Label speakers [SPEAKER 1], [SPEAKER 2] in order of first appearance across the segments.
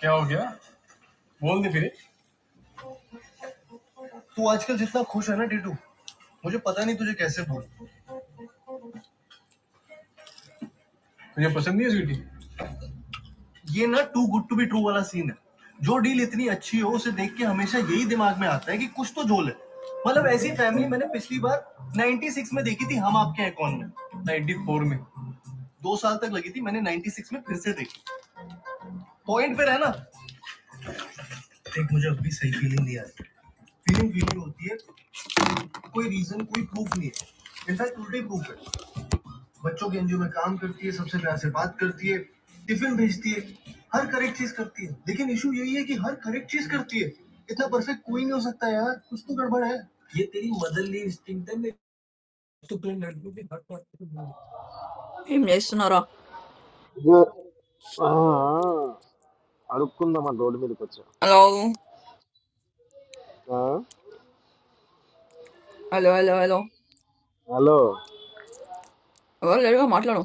[SPEAKER 1] क्या हो गया बोल दे फिर तू आजकल जितना खुश है ना टीटू मुझे पता नहीं तुझे कैसे बोलूं तुझे पसंद नहीं है स्वीटी ये ना too good to be true वाला सीन है जो डील इतनी अच्छी हो उसे देख के हमेशा यही दिमाग में आता है कि कुछ तो झोल है मतलब ऐसी फैमिली मैंने पिछली बार 96 में देखी थी हम आपके हैं कौन में 94 में दो साल तक लगी थी मैंने 96 में फिर से देखी पॉइंट पे रहना देख मुझे अभी सही फीलिंग नहीं आ रही फीलिंग फीलिंग होती है कोई रीजन कोई प्रूफ नहीं है इनफैक्ट उल्टे प्रूफ है बच्चों के एनजीओ में काम करती है, सबसे प्यार से बात करती है, टिफिन भेजती है, हर करेक्ट चीज करती है। लेकिन इशू यही है कि हर करेक्ट चीज करती है। इतना परफेक्ट कोई नहीं हो सकता यार, कुछ तो गड़बड़ है। ये तेरी मदरली इंस्टिंक्ट है मेरी ఏం చేస్తున్నారా
[SPEAKER 2] ఇగో, ఆ, అడుక్కుందామని రోడ్డు మీదకి వచ్చా
[SPEAKER 1] హలో
[SPEAKER 2] ఆ,
[SPEAKER 1] హలో హలో హలో
[SPEAKER 2] హలో
[SPEAKER 1] ఎవరు లేరుగా మాట్లాడు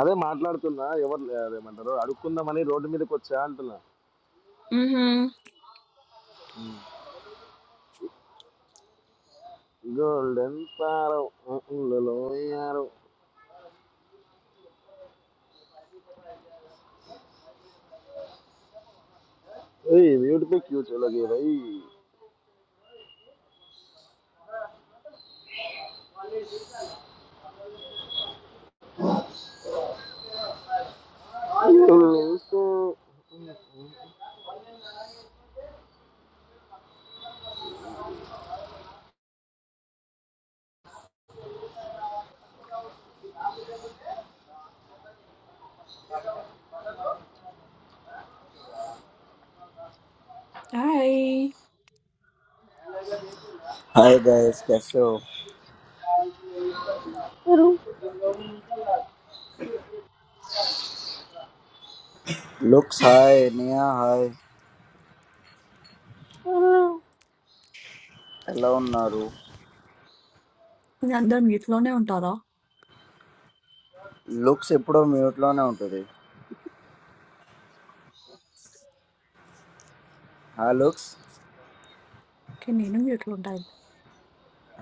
[SPEAKER 2] అదే మాట్లాడుతున్నా ఎవరు లే- అదేమంటారు అడుక్కుందామని రోడ్డు మీదకి వచ్చా అంటున్నా
[SPEAKER 1] మ్మ్హ్మ్.
[SPEAKER 2] ఉమ్. గోల్డెన్ పారం ఏయ్ బ్యూటిఫుల్ క్యూచ్ లగే భయ్
[SPEAKER 1] హాయ్
[SPEAKER 3] హాయ్ గైస్ कैसे हो లుక్స్ హాయ్ నియా హాయ్ ఎలా ఉన్నారు
[SPEAKER 1] మీ అందరు మ్యూట్ లోనే ఉంటారా
[SPEAKER 3] లుక్స్ ఎప్పుడో మ్యూట్ లోనే ఉంటుంది హా లుక్స్
[SPEAKER 1] ఓకే నేను మ్యూట్ లో ఉంటాను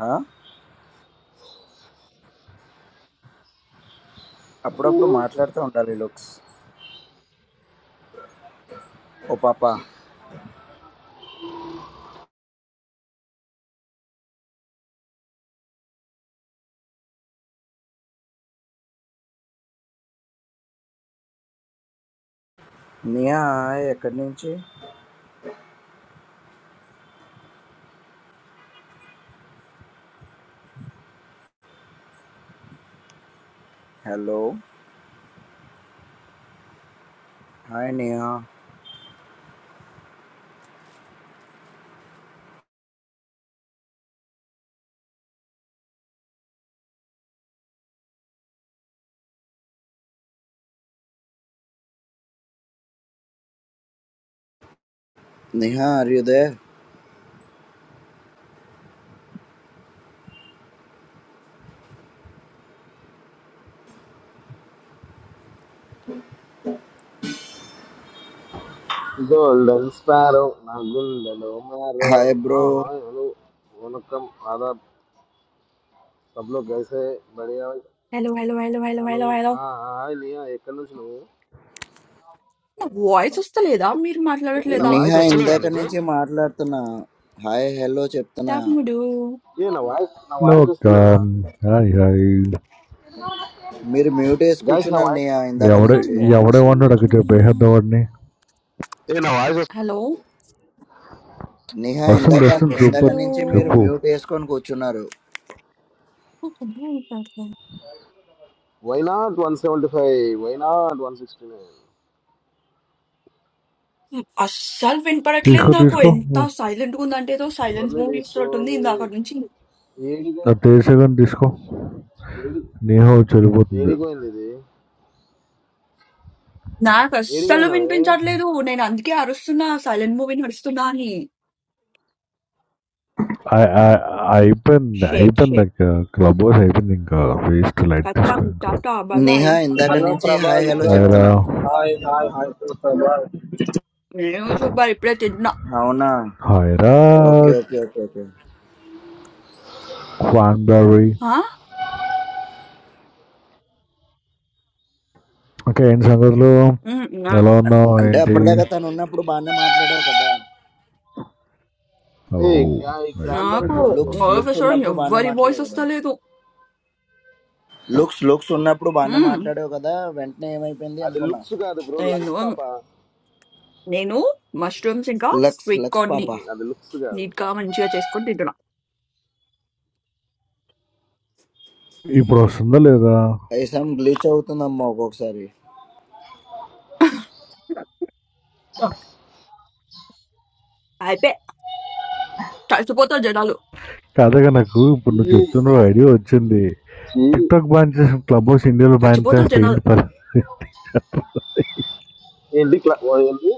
[SPEAKER 3] హా అప్పుడప్పుడు మాట్లాడుతూ ఉండాలి లుక్స్ ఓ పాప నియా హాయ్ ఎక్కడి నుంచి hello hi Niya Niha are you there
[SPEAKER 4] golden sparrow నా गुल्ललो मारो
[SPEAKER 3] హాయ్ బ్రో
[SPEAKER 4] हाँ हाँ हेलो వనకం ఆదాబ్ సబ్ లో గైసే బడియా
[SPEAKER 1] hello hello hello hello
[SPEAKER 4] hello
[SPEAKER 1] hello hello
[SPEAKER 4] hi Niya ఎక్కడి నుంచి నువ్వు
[SPEAKER 1] నా వాయిస్ వస్తలేదా మీరు
[SPEAKER 4] ఏ నా
[SPEAKER 1] మాట్లాడట్లేదా
[SPEAKER 4] వాయిస్
[SPEAKER 3] నిహా
[SPEAKER 4] వస్తలేదా
[SPEAKER 3] ఇందాక
[SPEAKER 4] నీకు
[SPEAKER 3] నుంచి మాట్లాడుతున్నా హాయ్ హలో చెప్తున్నా
[SPEAKER 1] ట్యాప్ ముడు
[SPEAKER 4] ఏ నా వాయిస్ నా
[SPEAKER 5] లో
[SPEAKER 4] వాయిస్
[SPEAKER 5] ఒక
[SPEAKER 4] వస్తలేదా
[SPEAKER 3] మీరు మ్యూట్ వేసి
[SPEAKER 4] గైస్ నా
[SPEAKER 3] కూర్చున్నారు
[SPEAKER 4] వాయిస్
[SPEAKER 3] నిహా ఇందాక
[SPEAKER 5] ఎవడే
[SPEAKER 1] నా
[SPEAKER 3] నుంచి
[SPEAKER 1] వాయిస్
[SPEAKER 5] ఎవడేమన్నాడు అక్కడ చెప్పేసేద్దాం వాడిని
[SPEAKER 4] ఏ నా వాయిస్ వస్-
[SPEAKER 1] హలో
[SPEAKER 3] నిహా
[SPEAKER 5] వస్తుంది
[SPEAKER 3] ఇందాక
[SPEAKER 5] వస్తుంది
[SPEAKER 3] ఇందాక
[SPEAKER 1] హలో
[SPEAKER 5] సూపర్
[SPEAKER 3] నుంచి మీరు
[SPEAKER 5] చెప్పు
[SPEAKER 3] మ్యూట్ వేసుకొని కూర్చున్నారు
[SPEAKER 1] నాకు అర్థం కావట్లేదు.
[SPEAKER 4] Why not one seventy five why not one sixty nine
[SPEAKER 1] అస్సలు వినపడట్లేదు
[SPEAKER 5] తీసుకో
[SPEAKER 1] నాకు
[SPEAKER 5] తీసుకో
[SPEAKER 1] ఎంత సైలెంట్ గా ఉందంటే ఏదో సైలెన్స్
[SPEAKER 4] ఎవరిని
[SPEAKER 1] మూవ్ చేస్తున్నట్టుంది
[SPEAKER 4] తీసుకోవాలి
[SPEAKER 1] ఇందాక నుంచి
[SPEAKER 4] ఏడిగో
[SPEAKER 5] అది తీసేగానే తీసుకో
[SPEAKER 4] ఏడి
[SPEAKER 5] నీహో చెడిపోతుంది
[SPEAKER 4] ఏడిపోయింది ఇది
[SPEAKER 1] నాకు అస్సలు
[SPEAKER 4] ఏడిపోయినవే
[SPEAKER 1] వినిపించట్లేదు నేను అందుకే అరుస్తున్నా సైలెంట్ మూవీ నడుస్తున్నా అని
[SPEAKER 5] ఆ- ఆ- అయిపోయింది
[SPEAKER 1] షేట్
[SPEAKER 5] అయిపోయింది
[SPEAKER 1] షేట్
[SPEAKER 5] అక్క క్లబ్ హౌస్ అయిపోయింది ఇంకా వేస్ట్ లైట్
[SPEAKER 1] కట్టా
[SPEAKER 5] తీసుకో ఇంకా
[SPEAKER 1] టాటా బాయ్ బాయ్
[SPEAKER 3] నేహా ఇందాక
[SPEAKER 6] Hello
[SPEAKER 3] నుంచి హాయ్
[SPEAKER 6] Prabhas
[SPEAKER 3] హలో
[SPEAKER 5] హైరా
[SPEAKER 6] bro.
[SPEAKER 3] చెప్తున్నా
[SPEAKER 6] Hi, hi, hi to Prabhas.
[SPEAKER 1] నేను సూపర్ ఇప్పుడే తింటున్నా
[SPEAKER 3] అవునా
[SPEAKER 5] హైరా
[SPEAKER 3] okay okay okay okay
[SPEAKER 5] cranberry
[SPEAKER 1] ఆ?
[SPEAKER 5] ఓకే ఏంటి సంగతులు
[SPEAKER 1] ఉమ్, నా-
[SPEAKER 5] ఎలా
[SPEAKER 3] అన్-
[SPEAKER 5] ఉన్నావు
[SPEAKER 3] అంటే
[SPEAKER 5] ఏంటి
[SPEAKER 3] అప్పటిదాకా తను ఉన్నప్పుడు బాగానే మాట్లాడావు కదా
[SPEAKER 5] ఓ
[SPEAKER 4] ఏ క్రా- ఈ
[SPEAKER 5] నైస్
[SPEAKER 4] క్రాన్బరీ
[SPEAKER 1] నాకు
[SPEAKER 5] నైస్
[SPEAKER 4] కోనేరు
[SPEAKER 3] లుక్స్
[SPEAKER 4] ఇది.
[SPEAKER 3] లుక్స్
[SPEAKER 1] ఆఫీస్ లో
[SPEAKER 3] ఉన్నప్పుడు బాగానే
[SPEAKER 1] ఎవ్వరి వాయిస్
[SPEAKER 3] మాట్లాడావు కదా
[SPEAKER 1] వస్తలేదు
[SPEAKER 3] లుక్స్ లుక్స్ ఉన్నప్పుడు బాగానే
[SPEAKER 1] ఉమ్,
[SPEAKER 3] మాట్లాడావు కదా వెంటనే ఏమైపోయింది
[SPEAKER 4] అది
[SPEAKER 3] అనుకున్నా
[SPEAKER 4] లుక్స్ కాదు బ్రో లక్స్
[SPEAKER 1] నేను
[SPEAKER 4] పాప
[SPEAKER 1] నేను మష్రూమ్స్ ఇంకా
[SPEAKER 3] లక్స్
[SPEAKER 1] స్వీట్
[SPEAKER 3] లక్స్
[SPEAKER 1] కార్న్ ని
[SPEAKER 3] పాప
[SPEAKER 4] ఉమ్, అది లుక్స్ కాదు
[SPEAKER 1] నీట్ గా మంచిగా చేసుకొని తింటున్నా
[SPEAKER 5] ఇప్పుడు వస్తుందా లేదా
[SPEAKER 3] ఐసం గ్లీచ్ అవుతుందమ్మా ఒక్కొక్కసారి
[SPEAKER 1] అయిపోయి చచ్చిపోతారు జనాలు
[SPEAKER 5] తాజాగా నాకు
[SPEAKER 4] చీ
[SPEAKER 5] ఇప్పుడు నువ్వు చెప్తున్న ఐడియా వచ్చింది
[SPEAKER 4] చీ
[SPEAKER 5] టిక్ టాక్ బ్యాన్ చేసి క్లబ్ హౌస్ ఇండియాలో బ్యాన్
[SPEAKER 1] చచ్చిపోతారు
[SPEAKER 5] చేస్తే
[SPEAKER 1] జనాలు
[SPEAKER 5] ఏంటి పరిస్థితి
[SPEAKER 4] ఏంటి క్లా ఓ ఏంటి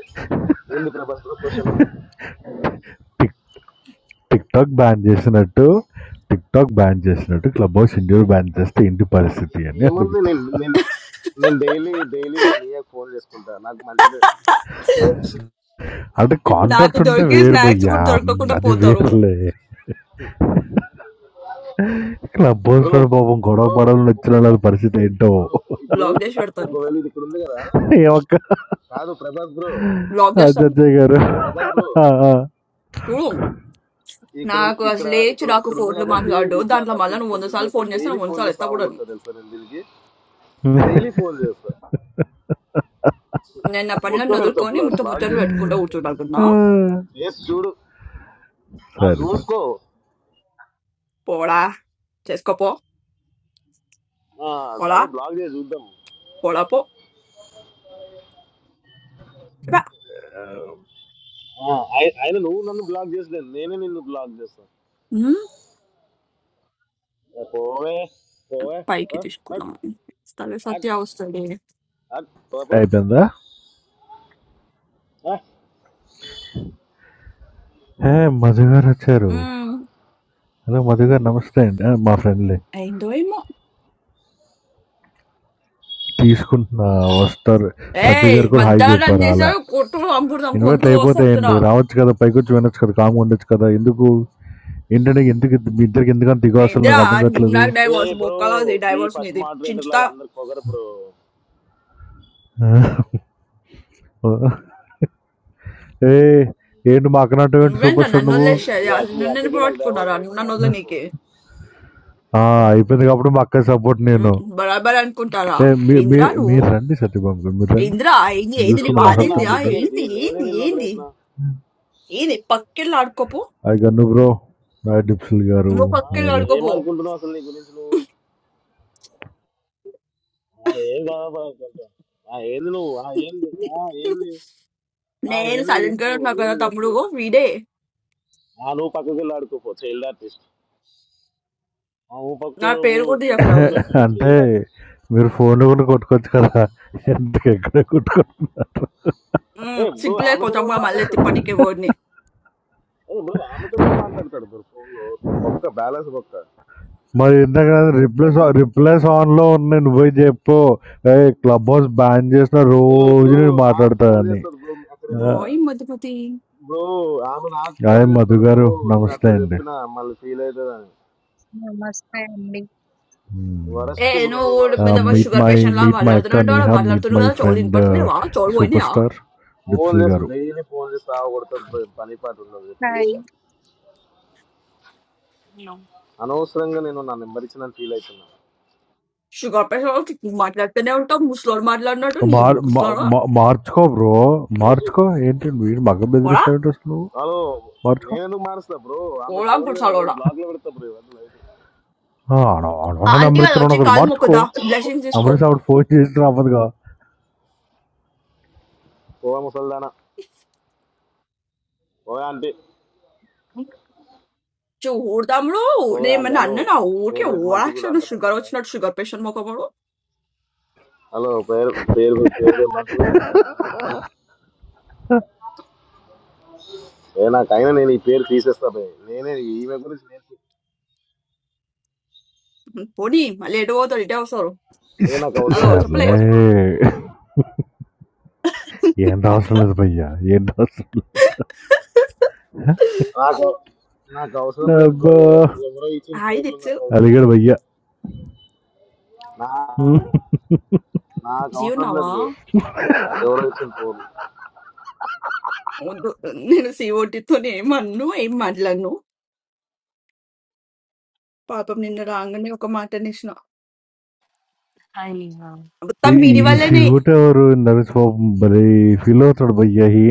[SPEAKER 4] ఏంటి Prabhas bro question
[SPEAKER 5] TikTok ban చేసినట్టు టిక్ టాక్ బ్యాన్ చేసినట్టు క్లబ్ హౌస్ ఇండియాలో బ్యాన్ చేస్తే ఏంటి పరిస్థితి అని
[SPEAKER 4] ఏముంది
[SPEAKER 5] అడుగుతా
[SPEAKER 4] నేను నేను నేను డైలీ డైలీ నేను నీయకు ఫోన్ చేసుకుంటా నాకు మంచిదే
[SPEAKER 5] అంటే
[SPEAKER 1] నాకు
[SPEAKER 5] కాంట్రాక్ట్స్ ఉంటే
[SPEAKER 1] దొరికే
[SPEAKER 5] వేరు
[SPEAKER 1] స్నాక్స్
[SPEAKER 5] భయ్యా
[SPEAKER 1] కూడా దొరకకుండా
[SPEAKER 5] అది
[SPEAKER 1] పోతారు
[SPEAKER 5] వేరులే క్లబ్ హౌస్
[SPEAKER 4] బ్రో
[SPEAKER 5] లో పాపం గొడవ
[SPEAKER 4] బ్రో
[SPEAKER 5] పడాలని వచ్చిన వాళ్ళ
[SPEAKER 4] ఒక
[SPEAKER 5] పరిస్థితి ఏంటో
[SPEAKER 4] బ్రో ఇప్పుడు
[SPEAKER 1] బ్లాక్ చేసి పెడతాను
[SPEAKER 4] ఒకవేళ ఇది ఇక్కడ ఉంది కదా
[SPEAKER 5] ఏమక్క
[SPEAKER 4] కాదు ప్రభాస్ బ్రో
[SPEAKER 1] బ్లాక్ చేస్తాను
[SPEAKER 5] అజయ్ గారు
[SPEAKER 4] ప్రభాస్ బ్రో
[SPEAKER 1] చూడు
[SPEAKER 4] ఇక్కడ ఉన్-
[SPEAKER 1] నాకు
[SPEAKER 4] ఇక్కడ
[SPEAKER 1] అసలు లేచి
[SPEAKER 4] ఇక్కడ
[SPEAKER 1] నాకు
[SPEAKER 4] ఇక్కడ ఉంది
[SPEAKER 1] ఫోన్లు
[SPEAKER 4] కాబట్టి
[SPEAKER 1] మాట్లాడు
[SPEAKER 4] ఇది ఇట్లా
[SPEAKER 1] దాంట్లో మళ్ళీ నువ్వు వంద
[SPEAKER 4] తప్పించుకుంటుంది
[SPEAKER 1] సార్లు ఫోన్
[SPEAKER 4] లేకపోతే
[SPEAKER 1] చేస్తే
[SPEAKER 4] డైలీ
[SPEAKER 1] నువ్వు వంద
[SPEAKER 4] ఫోన్
[SPEAKER 1] సార్లు
[SPEAKER 4] చేస్తే
[SPEAKER 1] ఎత్తా
[SPEAKER 4] ఆవు
[SPEAKER 1] కూడా
[SPEAKER 4] కొడతా తెలుసా నేను దీనికి డైలీ ఫోన్ చేస్తా
[SPEAKER 1] నేను నా
[SPEAKER 4] మొత్తం
[SPEAKER 1] పనులను
[SPEAKER 4] పెడతా
[SPEAKER 1] వదులుకొని
[SPEAKER 4] బ్లాక్
[SPEAKER 1] ముట్ట
[SPEAKER 4] బ్లాక్
[SPEAKER 1] ముచ్చట్లు
[SPEAKER 4] చేస్తుంది
[SPEAKER 1] పెట్టుకుంటూ
[SPEAKER 4] అంటే
[SPEAKER 1] కూర్చోగలుగుతున్నా
[SPEAKER 4] చేసి చూడు
[SPEAKER 5] సరే
[SPEAKER 4] ఆ చూసుకో
[SPEAKER 1] పోడా చేసుకోపో
[SPEAKER 4] ఆ,
[SPEAKER 1] పోడా
[SPEAKER 4] సరే బ్లాక్ చేసి చూద్దాం
[SPEAKER 1] పోడా పో రా.
[SPEAKER 4] ఆ, ఆయ- ఆయన నువ్వు నన్ను బ్లాక్ చేసలేదు నేనే నిన్ను బ్లాక్ చేస్తాను
[SPEAKER 1] ఉమ్,
[SPEAKER 4] ఏ, పోవే పోవే
[SPEAKER 1] పైకి
[SPEAKER 4] ఆ, అట్,
[SPEAKER 1] తీసుకున్నాం తల
[SPEAKER 4] అట్,
[SPEAKER 1] సత్య వస్తుంది
[SPEAKER 4] అట్, పో, పో.
[SPEAKER 5] అయిపోయిందా
[SPEAKER 4] ఆ,
[SPEAKER 5] ఏ మధు గారు వచ్చారు
[SPEAKER 1] ఉమ్,
[SPEAKER 5] హలో మధు గారు నమస్తే అండి ఆ, మా ఫ్రెండ్లే
[SPEAKER 1] అయిందో ఏమో
[SPEAKER 5] తీసుకుంటున్నా వస్తారు సత్య
[SPEAKER 1] ఏయ్
[SPEAKER 5] గారు కూడా హాయ్
[SPEAKER 1] మధ్యాహ్నం
[SPEAKER 5] చెప్పారు అలా
[SPEAKER 1] చేసావు కొట్టు చంపుడు
[SPEAKER 5] ఇన్వైట్లు
[SPEAKER 1] గొంతు వస్తే
[SPEAKER 5] అయిపోతాయండి
[SPEAKER 1] చెప్తున్నా
[SPEAKER 5] రావచ్చు కదా పైకి వచ్చి వినొచ్చు కదా కామ్ ఉండొచ్చు కదా ఎందుకు ఏంటంటే ఎందుకు మీ ఇద్దరికి ఎందుకంత దిగు అసలు
[SPEAKER 1] ఏందిరా
[SPEAKER 5] నాకు అర్థం కావట్లేదు
[SPEAKER 1] నాకు
[SPEAKER 4] ఏ
[SPEAKER 1] డైవోర్స్
[SPEAKER 4] బ్రో
[SPEAKER 1] బొక్కలా
[SPEAKER 4] ఈ
[SPEAKER 1] డైవోర్స్
[SPEAKER 4] ఫస్ట్
[SPEAKER 1] నీది
[SPEAKER 4] మోడరేటర్
[SPEAKER 1] చించుతా
[SPEAKER 4] లాగా అందరికి పొగరు బ్రో
[SPEAKER 5] ఏ ఏంటి మా అక్కనటం ఏంటి
[SPEAKER 1] నువ్వేంట
[SPEAKER 5] సూపర్ స్టార్
[SPEAKER 1] నన్ను
[SPEAKER 5] నువ్వు
[SPEAKER 1] వదిలేసేది
[SPEAKER 4] మీ అక్క
[SPEAKER 1] అసలు
[SPEAKER 4] మీ
[SPEAKER 1] నన్ను
[SPEAKER 4] అక్కకి
[SPEAKER 1] ఎందుకు
[SPEAKER 4] నాకు
[SPEAKER 1] పట్టుకున్నారా
[SPEAKER 4] డైవర్స్
[SPEAKER 1] నువ్వు నన్ను
[SPEAKER 4] అయిపోయినాయని
[SPEAKER 1] వదిలే
[SPEAKER 4] చెప్పు
[SPEAKER 1] నీకే
[SPEAKER 5] ఆ, అయిపోయింది కాబట్టి మా అక్క సపోర్ట్
[SPEAKER 1] ఉమ్,
[SPEAKER 5] నేను
[SPEAKER 1] బరాబర్ అనుకుంటారా
[SPEAKER 5] ఏ మీ
[SPEAKER 1] ఏందిరా
[SPEAKER 5] మీ-
[SPEAKER 1] నువ్వు
[SPEAKER 5] మీరు రండి సత్యబాబు గారు మీరు రండి
[SPEAKER 1] ఏందిరా ఏంది
[SPEAKER 5] నేను
[SPEAKER 1] ఏంది నీ
[SPEAKER 5] చూసుకుందాం
[SPEAKER 4] ఏందో
[SPEAKER 1] బాధ
[SPEAKER 4] నువ్వు నాకు
[SPEAKER 5] మాట్లాడుతాను
[SPEAKER 1] ఏందిరా
[SPEAKER 5] రండి
[SPEAKER 4] ఇచ్చేది
[SPEAKER 1] ఏంది
[SPEAKER 4] నేనే
[SPEAKER 1] ఏంది
[SPEAKER 4] నిన్ను
[SPEAKER 1] ఏంది
[SPEAKER 4] వదిలేసిన
[SPEAKER 1] ఏంది పక్కెళ్ళి ఆడుకోపో
[SPEAKER 5] అది గన్ను బ్రో నాయ డిప్సిల్ గారు
[SPEAKER 1] నువ్వు
[SPEAKER 4] ఆ,
[SPEAKER 1] పక్కెళ్ళి
[SPEAKER 5] వాళ్ళు
[SPEAKER 1] ఆడుకోపో
[SPEAKER 4] ఏమనుకుంటున్నావు అసలు నీ గురించి నువ్వు ఆ, ఏం కాదా అనుకుంటావు ఆ, ఏంది నువ్వు ఆ, ఏంది ఆ, ఏంది ఆ,
[SPEAKER 1] నేను
[SPEAKER 4] ఏంది
[SPEAKER 1] సైలెంట్ గా
[SPEAKER 4] చెప్పు
[SPEAKER 1] ఉన్నా కదా
[SPEAKER 4] ఏంది
[SPEAKER 1] తమ్ముడు
[SPEAKER 4] చెప్పు
[SPEAKER 1] వీడే
[SPEAKER 4] ఆ, నువ్వు పక్కకి వెళ్ళి ఆడుకోపో చైల్డ్ ఆర్టిస్ట్ ఆ ఓ
[SPEAKER 1] నా
[SPEAKER 4] భక్తుడు
[SPEAKER 1] పేరు కూడా తీయకురావు
[SPEAKER 4] భక్తుడు
[SPEAKER 5] అంటే
[SPEAKER 4] వెళ్ళాలి.
[SPEAKER 5] మీరు ఫోన్లు కూడా కొట్టుకోవచ్చు కదా ఎందుకు ఎక్కడ కొట్టుకో
[SPEAKER 4] ఏ బ్రో
[SPEAKER 1] సిగ్గులే
[SPEAKER 4] ఆమెతోనే
[SPEAKER 1] కొంచెం
[SPEAKER 4] కూడా
[SPEAKER 1] కూడా మళ్ళీ ఎత్తి
[SPEAKER 4] మాట్లాడతాడు బ్రో
[SPEAKER 1] పనికి ఎవరిని
[SPEAKER 4] ఏ బ్రో ఆమెతోనే కూడా మాట్లాడతాడు బ్రో ఫోన్ లో బొక్క బ్యాలెన్స్ బొక్క
[SPEAKER 5] మరి ఇందాక రిప్లేస్ రిప్లేస్ ఆన్లో ఉన్న నువ్వు పోయి చెప్పు క్లబ్ హౌస్ బ్యాన్ చేసిన
[SPEAKER 4] ఏ
[SPEAKER 5] రోజు
[SPEAKER 4] బ్రో
[SPEAKER 5] నేను
[SPEAKER 4] నాకు ఫోన్
[SPEAKER 5] మాట్లాడతానని
[SPEAKER 4] చేస్తాడు బ్రో అక్కడ నేను
[SPEAKER 1] బాయ్ మధుమతి
[SPEAKER 4] బ్రో ఆమె నాకు ఫోన్
[SPEAKER 5] అదే మధు
[SPEAKER 4] చేస్తాడు
[SPEAKER 5] గారు
[SPEAKER 4] బ్రో నేను
[SPEAKER 5] నమస్తే
[SPEAKER 4] అట్లా
[SPEAKER 5] అండి
[SPEAKER 4] చెప్పిన మళ్ళీ ఫీల్ అవుతుందని
[SPEAKER 7] Namaste, Mika.
[SPEAKER 1] ఏ
[SPEAKER 4] వరస్ట్ బ్రో
[SPEAKER 1] నువ్వు
[SPEAKER 4] వరస్ట్
[SPEAKER 1] మీద
[SPEAKER 4] time
[SPEAKER 5] meet
[SPEAKER 1] sugar
[SPEAKER 5] my
[SPEAKER 1] patient లా
[SPEAKER 5] మీట్ మై
[SPEAKER 1] మాట్లాడుతూనే
[SPEAKER 5] అక్క
[SPEAKER 1] ఉంటావు
[SPEAKER 5] నేహా మీట్
[SPEAKER 1] మాట్లాడుతున్నావు
[SPEAKER 5] మై
[SPEAKER 1] కదా చెవులు
[SPEAKER 5] ఫ్రెండ్
[SPEAKER 1] వినపడతలేవా చెవులు
[SPEAKER 5] సూపర్
[SPEAKER 1] పోయినాయా
[SPEAKER 5] స్టార్
[SPEAKER 4] ఫోన్
[SPEAKER 5] డిప్సిల్
[SPEAKER 4] చేస్తాడు
[SPEAKER 5] గారు
[SPEAKER 4] డైలీ ఫోన్ చేసి కొడతాడు బ్రో పని పాట ఉండదు ఎప్పుడు చూసినా
[SPEAKER 8] No,
[SPEAKER 4] అనవసరంగా నేను నా నెంబర్ ఇచ్చిన ఫీల్ అవుతున్నాను
[SPEAKER 1] షుగర్ పేషెంట్ వాళ్ళకి ఎక్కువ మాట్లాడుతూనే ఉంటావు ముసలోడు మాట్లాడినట్టు నీ
[SPEAKER 5] మార్- మా-
[SPEAKER 1] ముసలోడా
[SPEAKER 5] మా- మార్చుకో బ్రో మార్చుకో ఏంటి వీడు మగ
[SPEAKER 1] ఓడా
[SPEAKER 5] బెదిరిస్తావు నువ్వు
[SPEAKER 4] హలో
[SPEAKER 5] మార్చుకో
[SPEAKER 4] నేను ఎందుకు మారుస్తా బ్రో ఆమె
[SPEAKER 1] ఓడా
[SPEAKER 4] ఫోన్ నేను
[SPEAKER 1] గుడిసాలోడా
[SPEAKER 4] బ్లాక్ లో పెడతా బ్రో ఇవన్నీ లైట్
[SPEAKER 5] ఆ! అన అనవసరం
[SPEAKER 1] అంతే
[SPEAKER 5] నెంబర్
[SPEAKER 1] కదా
[SPEAKER 5] ఇచ్చాను
[SPEAKER 1] వచ్చి
[SPEAKER 5] అనకూడదు.
[SPEAKER 1] కాలు
[SPEAKER 5] మార్చుకో.
[SPEAKER 1] మొక్కుదా బ్లెషింగ్ తీసుకో
[SPEAKER 5] నెంబరేసి ఆవిడ ఫోన్ చేసినా అవ్వదుగా.
[SPEAKER 4] ఓ ముసల్దానా ఓ ఆంటీ
[SPEAKER 1] చూడదాముడు
[SPEAKER 4] ఓ ఆంటీ
[SPEAKER 1] నేమన్నా
[SPEAKER 4] హలో
[SPEAKER 1] అన్న నా ఊరికే
[SPEAKER 4] పేరు పెట్టి మంచి వీళ్ళు
[SPEAKER 1] ఓడాక్షన్ షుగర్
[SPEAKER 4] అర్థమవుతుందా
[SPEAKER 1] వచ్చినట్టు షుగర్ పేషెంట్ మొక్కబడు
[SPEAKER 4] హలో పేరు పేరు పేరు పెట్టి మంచి వీళ్ళు ఏ నాకైనా నేను ఈ పేరు తీసేస్తా బే నేనే ఈమె గురించి నేను తీ-
[SPEAKER 1] పోనీ మళ్ళీ ఎటు పోతారు ఇటే వస్తారు
[SPEAKER 5] ఇస్
[SPEAKER 4] ఏ నాకు అవసరం
[SPEAKER 1] అదో
[SPEAKER 4] లేదు
[SPEAKER 1] చెప్పలే
[SPEAKER 5] సర్లే
[SPEAKER 4] ప్రభాస్ బ్రో
[SPEAKER 5] ఏం అవసరం లేదు భయ్యా. ఏం అవసరం లేదు.
[SPEAKER 4] నాకు నాకు అవసరం లేదు బ్రో
[SPEAKER 5] అబ్బా!
[SPEAKER 4] ఎవరు ఎవరో ఇచ్చిన
[SPEAKER 1] హాయ్
[SPEAKER 4] పేర్లు
[SPEAKER 1] దిక్స్
[SPEAKER 4] నాకు అవసరం
[SPEAKER 5] అలిగాడు
[SPEAKER 4] లేదు
[SPEAKER 5] భయ్యా.
[SPEAKER 4] నా
[SPEAKER 5] హ్మ్.
[SPEAKER 4] నాకు
[SPEAKER 1] బిజీ
[SPEAKER 4] అవసరం లేదు
[SPEAKER 1] ఉన్నావా
[SPEAKER 4] బ్రో ఎవరో ఇచ్చిన పేర్లు
[SPEAKER 1] వద్దు నేను సిఓటితో ఏం అన్ను ఏం మాట్లాడను పాపం నిన్న రాగానే ఒక మాట అనేసిన
[SPEAKER 8] i tiny house.
[SPEAKER 5] ఈ
[SPEAKER 1] మొత్తం
[SPEAKER 5] ఈ
[SPEAKER 1] వీడి వల్లనే
[SPEAKER 5] శివుడు ఎవరు నరేష్ పాపం భలే ఫీల్ అవుతాడు భయ్యా. ఈ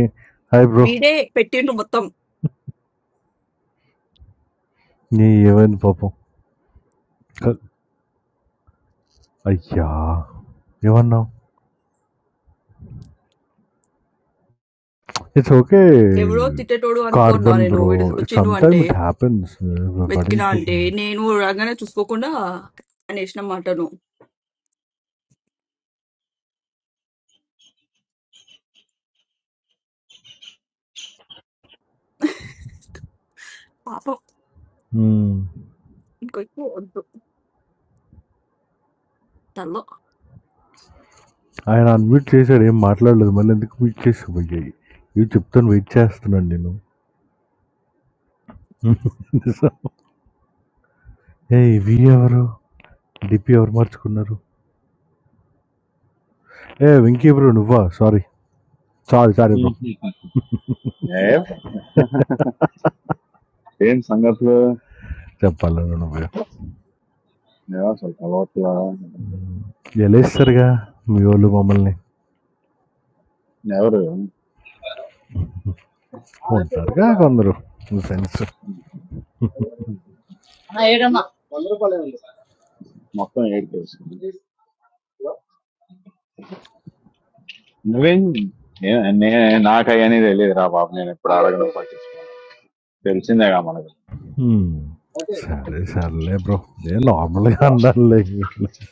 [SPEAKER 5] హాయ్ బ్రో.
[SPEAKER 1] వీడే పెట్టిండు మొత్తం
[SPEAKER 5] నీ ఏమైంది పాపం? క అయ్యా! ఏమన్నావు? ఇట్స్ ఓకే
[SPEAKER 1] ఎవరో తిట్టేటోడు అనుకున్నా
[SPEAKER 5] కార్బన్
[SPEAKER 1] నేను
[SPEAKER 5] బ్రో.
[SPEAKER 1] వీడు వచ్చిండు
[SPEAKER 5] సమ్ టైమ్
[SPEAKER 1] అంటే
[SPEAKER 5] ఇట్ హ్యాపెన్స్
[SPEAKER 1] వెతికినా
[SPEAKER 5] పట్టించుకోకు
[SPEAKER 1] అంటే
[SPEAKER 5] నువ్వు.
[SPEAKER 1] నేను రాగానే చూసుకోకుండా అనేసిన మాటను పాపం
[SPEAKER 5] హ్మ్.
[SPEAKER 1] ఇంకో ఎక్కువ వద్దు తల్లో
[SPEAKER 5] ఆయన అన్మ్యూట్ చేశాడు. ఏం మాట్లాడలేదు. మళ్ళీ ఎందుకు మ్యూట్ చేసావు అయ్యాయి? ఇవి చెప్తాను వెయిట్ చేస్తున్నాను నేను. ఏ ఇవి ఎవరు డిపి ఎవరు మార్చుకున్నారు ఏ వెంకీ బ్రో నువ్వా సారీ సారీ సారీ బ్రో
[SPEAKER 9] ఏం ఏం సంగతులు
[SPEAKER 5] చెప్పాలను నువ్వు
[SPEAKER 9] ఏమో అసలు కలవట్లా
[SPEAKER 5] గెలేస్తారుగా మీ వాళ్ళు మమ్మల్ని
[SPEAKER 9] ఎవరు
[SPEAKER 5] ఉంటారుగా కొందరు ఫ్రెండ్స్
[SPEAKER 9] మొత్తం ఏడు తెలుసుకుంది నువ్వేం ఏ- నే- నాకు అవన్నీ తెలియదు రా బాబు నేను ఎప్పుడు అడగను పట్టించుకోను తెలిసిందేగా మనకు
[SPEAKER 5] సరే సర్లే బ్రో నేను నార్మల్గా అన్నానులే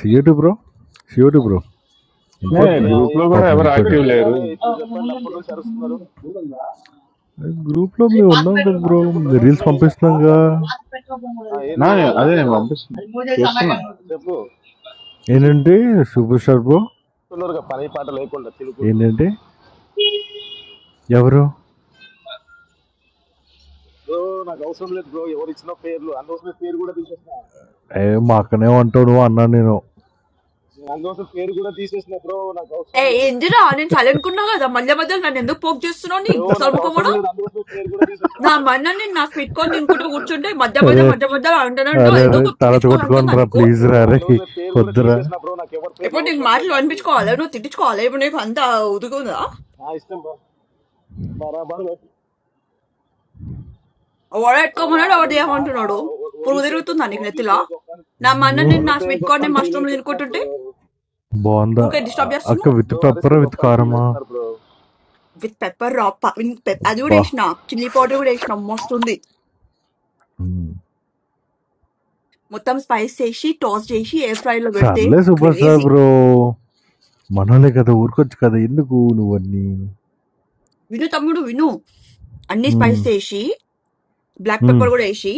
[SPEAKER 5] సీఎటు బ్రో సీఎటు బ్రో నీ
[SPEAKER 4] ఇదిగో,
[SPEAKER 9] నే
[SPEAKER 5] పేరు
[SPEAKER 9] గ్రూప్ లో
[SPEAKER 4] ఏ-
[SPEAKER 9] కూడా
[SPEAKER 5] పాపం
[SPEAKER 9] ఎవరు
[SPEAKER 5] వెళ్ళిపోయాడు
[SPEAKER 9] యాక్టివ్ లేరు
[SPEAKER 4] ఏంది ఇప్పుడు చెప్పండి అప్పటి నుంచి అరుస్తున్నారు
[SPEAKER 5] గ్రూప్‌లో మేమున్నాం కదా
[SPEAKER 4] ఆ
[SPEAKER 5] బ్రో!
[SPEAKER 4] చెప్పు ప్రభాస్
[SPEAKER 5] రీల్స్
[SPEAKER 4] బ్రో ఏంది అప్పటి నుంచి
[SPEAKER 5] పంపిస్తున్నాంగా.
[SPEAKER 4] అంటున్నావు ఆ ఏంది
[SPEAKER 9] నా- అదే నేను
[SPEAKER 4] ఎవరేమంటున్నారు
[SPEAKER 9] పంపిస్తున్నా చూస్తున్నా
[SPEAKER 4] చెప్పు తెలుసు
[SPEAKER 5] ఏంటంటే సూపర్ స్టార్ బ్రో
[SPEAKER 4] చెప్తున్నారు కదా, పని పాట లేకుండా తినుకుంటూ
[SPEAKER 5] ఏంటంటే ఎవరు?
[SPEAKER 4] బ్రో నాకు అవసరం లేదు బ్రో ఎవరు ఇచ్చిన పేర్లు అనవసరమైన పేరు కూడా తీసేసిన
[SPEAKER 5] ఏ మా అక్కనే ఉంటావు నువ్వు అన్నాను నేను.
[SPEAKER 4] నేను అనవసరం పేరు కూడా తీసేసిన బ్రో నాకు
[SPEAKER 1] ఏ
[SPEAKER 4] అవసరం లేదు
[SPEAKER 1] ఏంటిరా నేను చల్లనుకున్నా కదా మధ్య మధ్యలో నన్ను ఎందుకు పోక్ చేస్తున్నావు నీ
[SPEAKER 4] బ్రో
[SPEAKER 1] గుడిసల
[SPEAKER 4] నాకు
[SPEAKER 1] ముఖం
[SPEAKER 4] అవసరం
[SPEAKER 1] కూడా
[SPEAKER 4] లేదు అనవసరమైన పేరు కూడా
[SPEAKER 1] నా
[SPEAKER 4] తీసేసిన నేను
[SPEAKER 1] మన్న నేను నాకు పెట్టుకొని తినుకుంటూ కూర్చుంటే మధ్య మధ్య
[SPEAKER 5] అరే!
[SPEAKER 1] మధ్య మధ్య అంటానంటూ
[SPEAKER 5] అరెరే!
[SPEAKER 1] ఎందుకు
[SPEAKER 5] తలెత్తి కొట్టుకోండి
[SPEAKER 1] తిట్టించుకోవాలంటుందా
[SPEAKER 5] రా
[SPEAKER 1] నీకు
[SPEAKER 5] ప్లీజ్
[SPEAKER 4] ఓ
[SPEAKER 5] రా అరేయ్!
[SPEAKER 4] అనవసరమైన పేరు కూడా
[SPEAKER 5] వద్దురా.
[SPEAKER 4] తీసేసిన బ్రో నాకు ఎవరి పేర్లు
[SPEAKER 1] ఇప్పుడు నీకు
[SPEAKER 4] అవసరం లేదు
[SPEAKER 1] మాటలు
[SPEAKER 4] నాకు
[SPEAKER 1] అనిపించుకోవాలి నువ్వు తిట్టించుకోవాలి ఇప్పుడు నీకు అంత ఉదుగుందా
[SPEAKER 4] నా ఇష్టం బ్రో బరాబర్ ఆ, మా
[SPEAKER 1] వాడేట్టుకోమన్నాడు వాడు
[SPEAKER 4] ఆటలు మా మా
[SPEAKER 1] ఏమంటున్నాడు పురుగు
[SPEAKER 4] వదిలితే
[SPEAKER 1] తిరుగుతుందా నీకు నెత్తిలా
[SPEAKER 4] వదిలితే గొప్ప అని-
[SPEAKER 1] నా మన్న నేను నా
[SPEAKER 4] వదిలితే
[SPEAKER 1] స్వీట్
[SPEAKER 4] గొప్ప
[SPEAKER 1] కార్న్ నేను
[SPEAKER 4] అని ఫీల్
[SPEAKER 1] మష్రూమ్
[SPEAKER 4] అయిపోతున్నారు
[SPEAKER 1] తినుకుంటుంటే
[SPEAKER 4] బ్రో
[SPEAKER 5] బావుందా?
[SPEAKER 1] ఊరికే
[SPEAKER 5] అ
[SPEAKER 1] డిస్టర్బ్
[SPEAKER 5] అక్క
[SPEAKER 1] చేస్తున్నావు
[SPEAKER 5] విత్
[SPEAKER 4] బ్రో అరిస్తే
[SPEAKER 5] పెప్పరా? విత్
[SPEAKER 4] గొప్ప అని ఫీల్
[SPEAKER 5] కారమా?
[SPEAKER 4] అవుతున్నారు బ్రో
[SPEAKER 1] విత్ పెప్పర్ రా, అది కూడా
[SPEAKER 5] అబ్బా!
[SPEAKER 1] వేసిన చిల్లీ పౌడర్ కూడా వేసిన మస్తు ఉంది
[SPEAKER 5] హ్మ్.
[SPEAKER 1] మొత్తం స్పైస్ చేసి టాస్ చేసి ఎయిర్ ఫ్రై లో పెడితే
[SPEAKER 5] సర్లే సూపర్ స్టార్
[SPEAKER 1] క్రేజీ
[SPEAKER 5] బ్రో! మనోళ్ళే కదా ఊరుకోవచ్చు కదా ఎందుకు నువ్వన్నీ?
[SPEAKER 1] విను తమ్ముడు విను అన్ని
[SPEAKER 5] హ్మ్.
[SPEAKER 1] స్పైస్ వేసి బ్లాక్
[SPEAKER 5] హ్మ్.
[SPEAKER 1] పెప్పర్ కూడా వేసి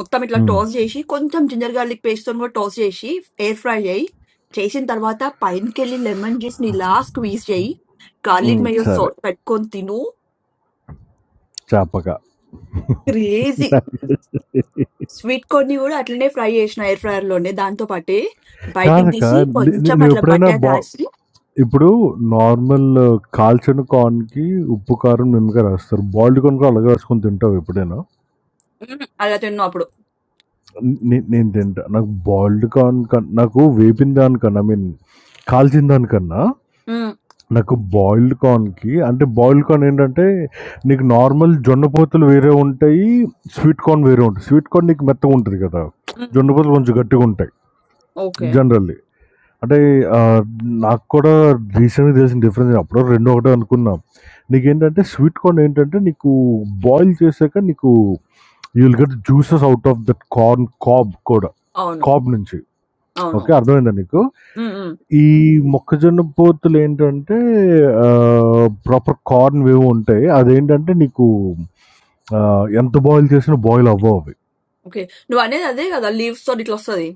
[SPEAKER 1] మొత్తం ఇట్లా
[SPEAKER 5] హ్మ్.
[SPEAKER 1] టాస్ చేసి కొంచెం జింజర్ గార్లిక్ పేస్ట్ తో కూడా టాస్ చేసి ఎయిర్ ఫ్రై చేయి చేసిన తర్వాత పైనకి వెళ్ళి లెమన్ జ్యూస్ ని లాస్ట్ స్క్వీజ్ చేయి
[SPEAKER 5] హ్మ్.
[SPEAKER 1] గార్లిక్ మేయో
[SPEAKER 5] సరే.
[SPEAKER 1] సాస్ పెట్టుకొని తిను
[SPEAKER 5] చాపక.
[SPEAKER 1] క్రేజీ స్వీట్ కార్న్ ని కూడా అట్లనే ఫ్రై చేసిన ఎయిర్ ఫ్రైయర్ లోనే దాంతో పాటే బయటికి
[SPEAKER 5] కాదక్క.
[SPEAKER 1] తీసి
[SPEAKER 5] నే నే
[SPEAKER 1] కొంచెం అట్లా
[SPEAKER 5] నేనెప్పుడైనా
[SPEAKER 1] బట్టర్
[SPEAKER 5] బా
[SPEAKER 1] రాసి
[SPEAKER 5] ఇప్పుడు నార్మల్ కాల్చిన కార్న్‌కి ఉప్పు, కారం, నిమ్మకాయ రాస్తారు. బాయిల్డ్ కార్న్ కూడా అలాగే రాసుకొని తింటావా ఎప్పుడైనా?
[SPEAKER 1] మ్మ్, అలా తిన్నావు అప్పుడు
[SPEAKER 5] నే నేను తింటా. నాకు బాయిల్డ్ కార్న్ కన్ నాకు వేపిన దానికన్నా ఐ మీన్ కాల్చిన దానికన్నా
[SPEAKER 1] మ్మ్,
[SPEAKER 5] నాకు బాయిల్డ్ కార్న్‌కి అంటే బాయిల్డ్ కార్న్ ఏంటంటే నీకు నార్మల్ జొన్న పోతులు వేరే ఉంటాయి. స్వీట్ కార్న్ వేరే ఉంటాయి. స్వీట్ కార్న్ నీకు మెత్తగుంటది కదా!
[SPEAKER 1] మ్మ్.
[SPEAKER 5] జొన్న పోతులు కొంచెం గట్టిగుంటాయి
[SPEAKER 1] ఓకే
[SPEAKER 5] జనరల్లీ. అంటే ఆహ్, నాకు కూడా రీసెంట్‌గా తెలిసిన డిఫరెన్స్. అప్పటివరకు 2 ఒకటే అనుకున్నా. నీకేంటంటే స్వీట్ కార్న్ ఏంటంటే నీకు బాయిల్ చేశాక నీకు you will get juices out of that corn cob కూడా.
[SPEAKER 1] అవును
[SPEAKER 5] కాబ్ నుంచి. ఓకే.
[SPEAKER 1] అవును
[SPEAKER 5] అర్థమైందా నీకు? ఈ మొక్కజొన్న పొత్తులు ఏంటంటే ఆహ్, ప్రాపర్ కార్న్ వేవో ఉంటాయి. అదేంటంటే నీకు ఆహ్, ఎంత బాయిల్ చేసినా బాయిల్ అవ్వవు అవి.
[SPEAKER 1] ఓకే. నువ్వనేది అదే గదా! లీవ్స్ తోని ఇట్లొస్తది.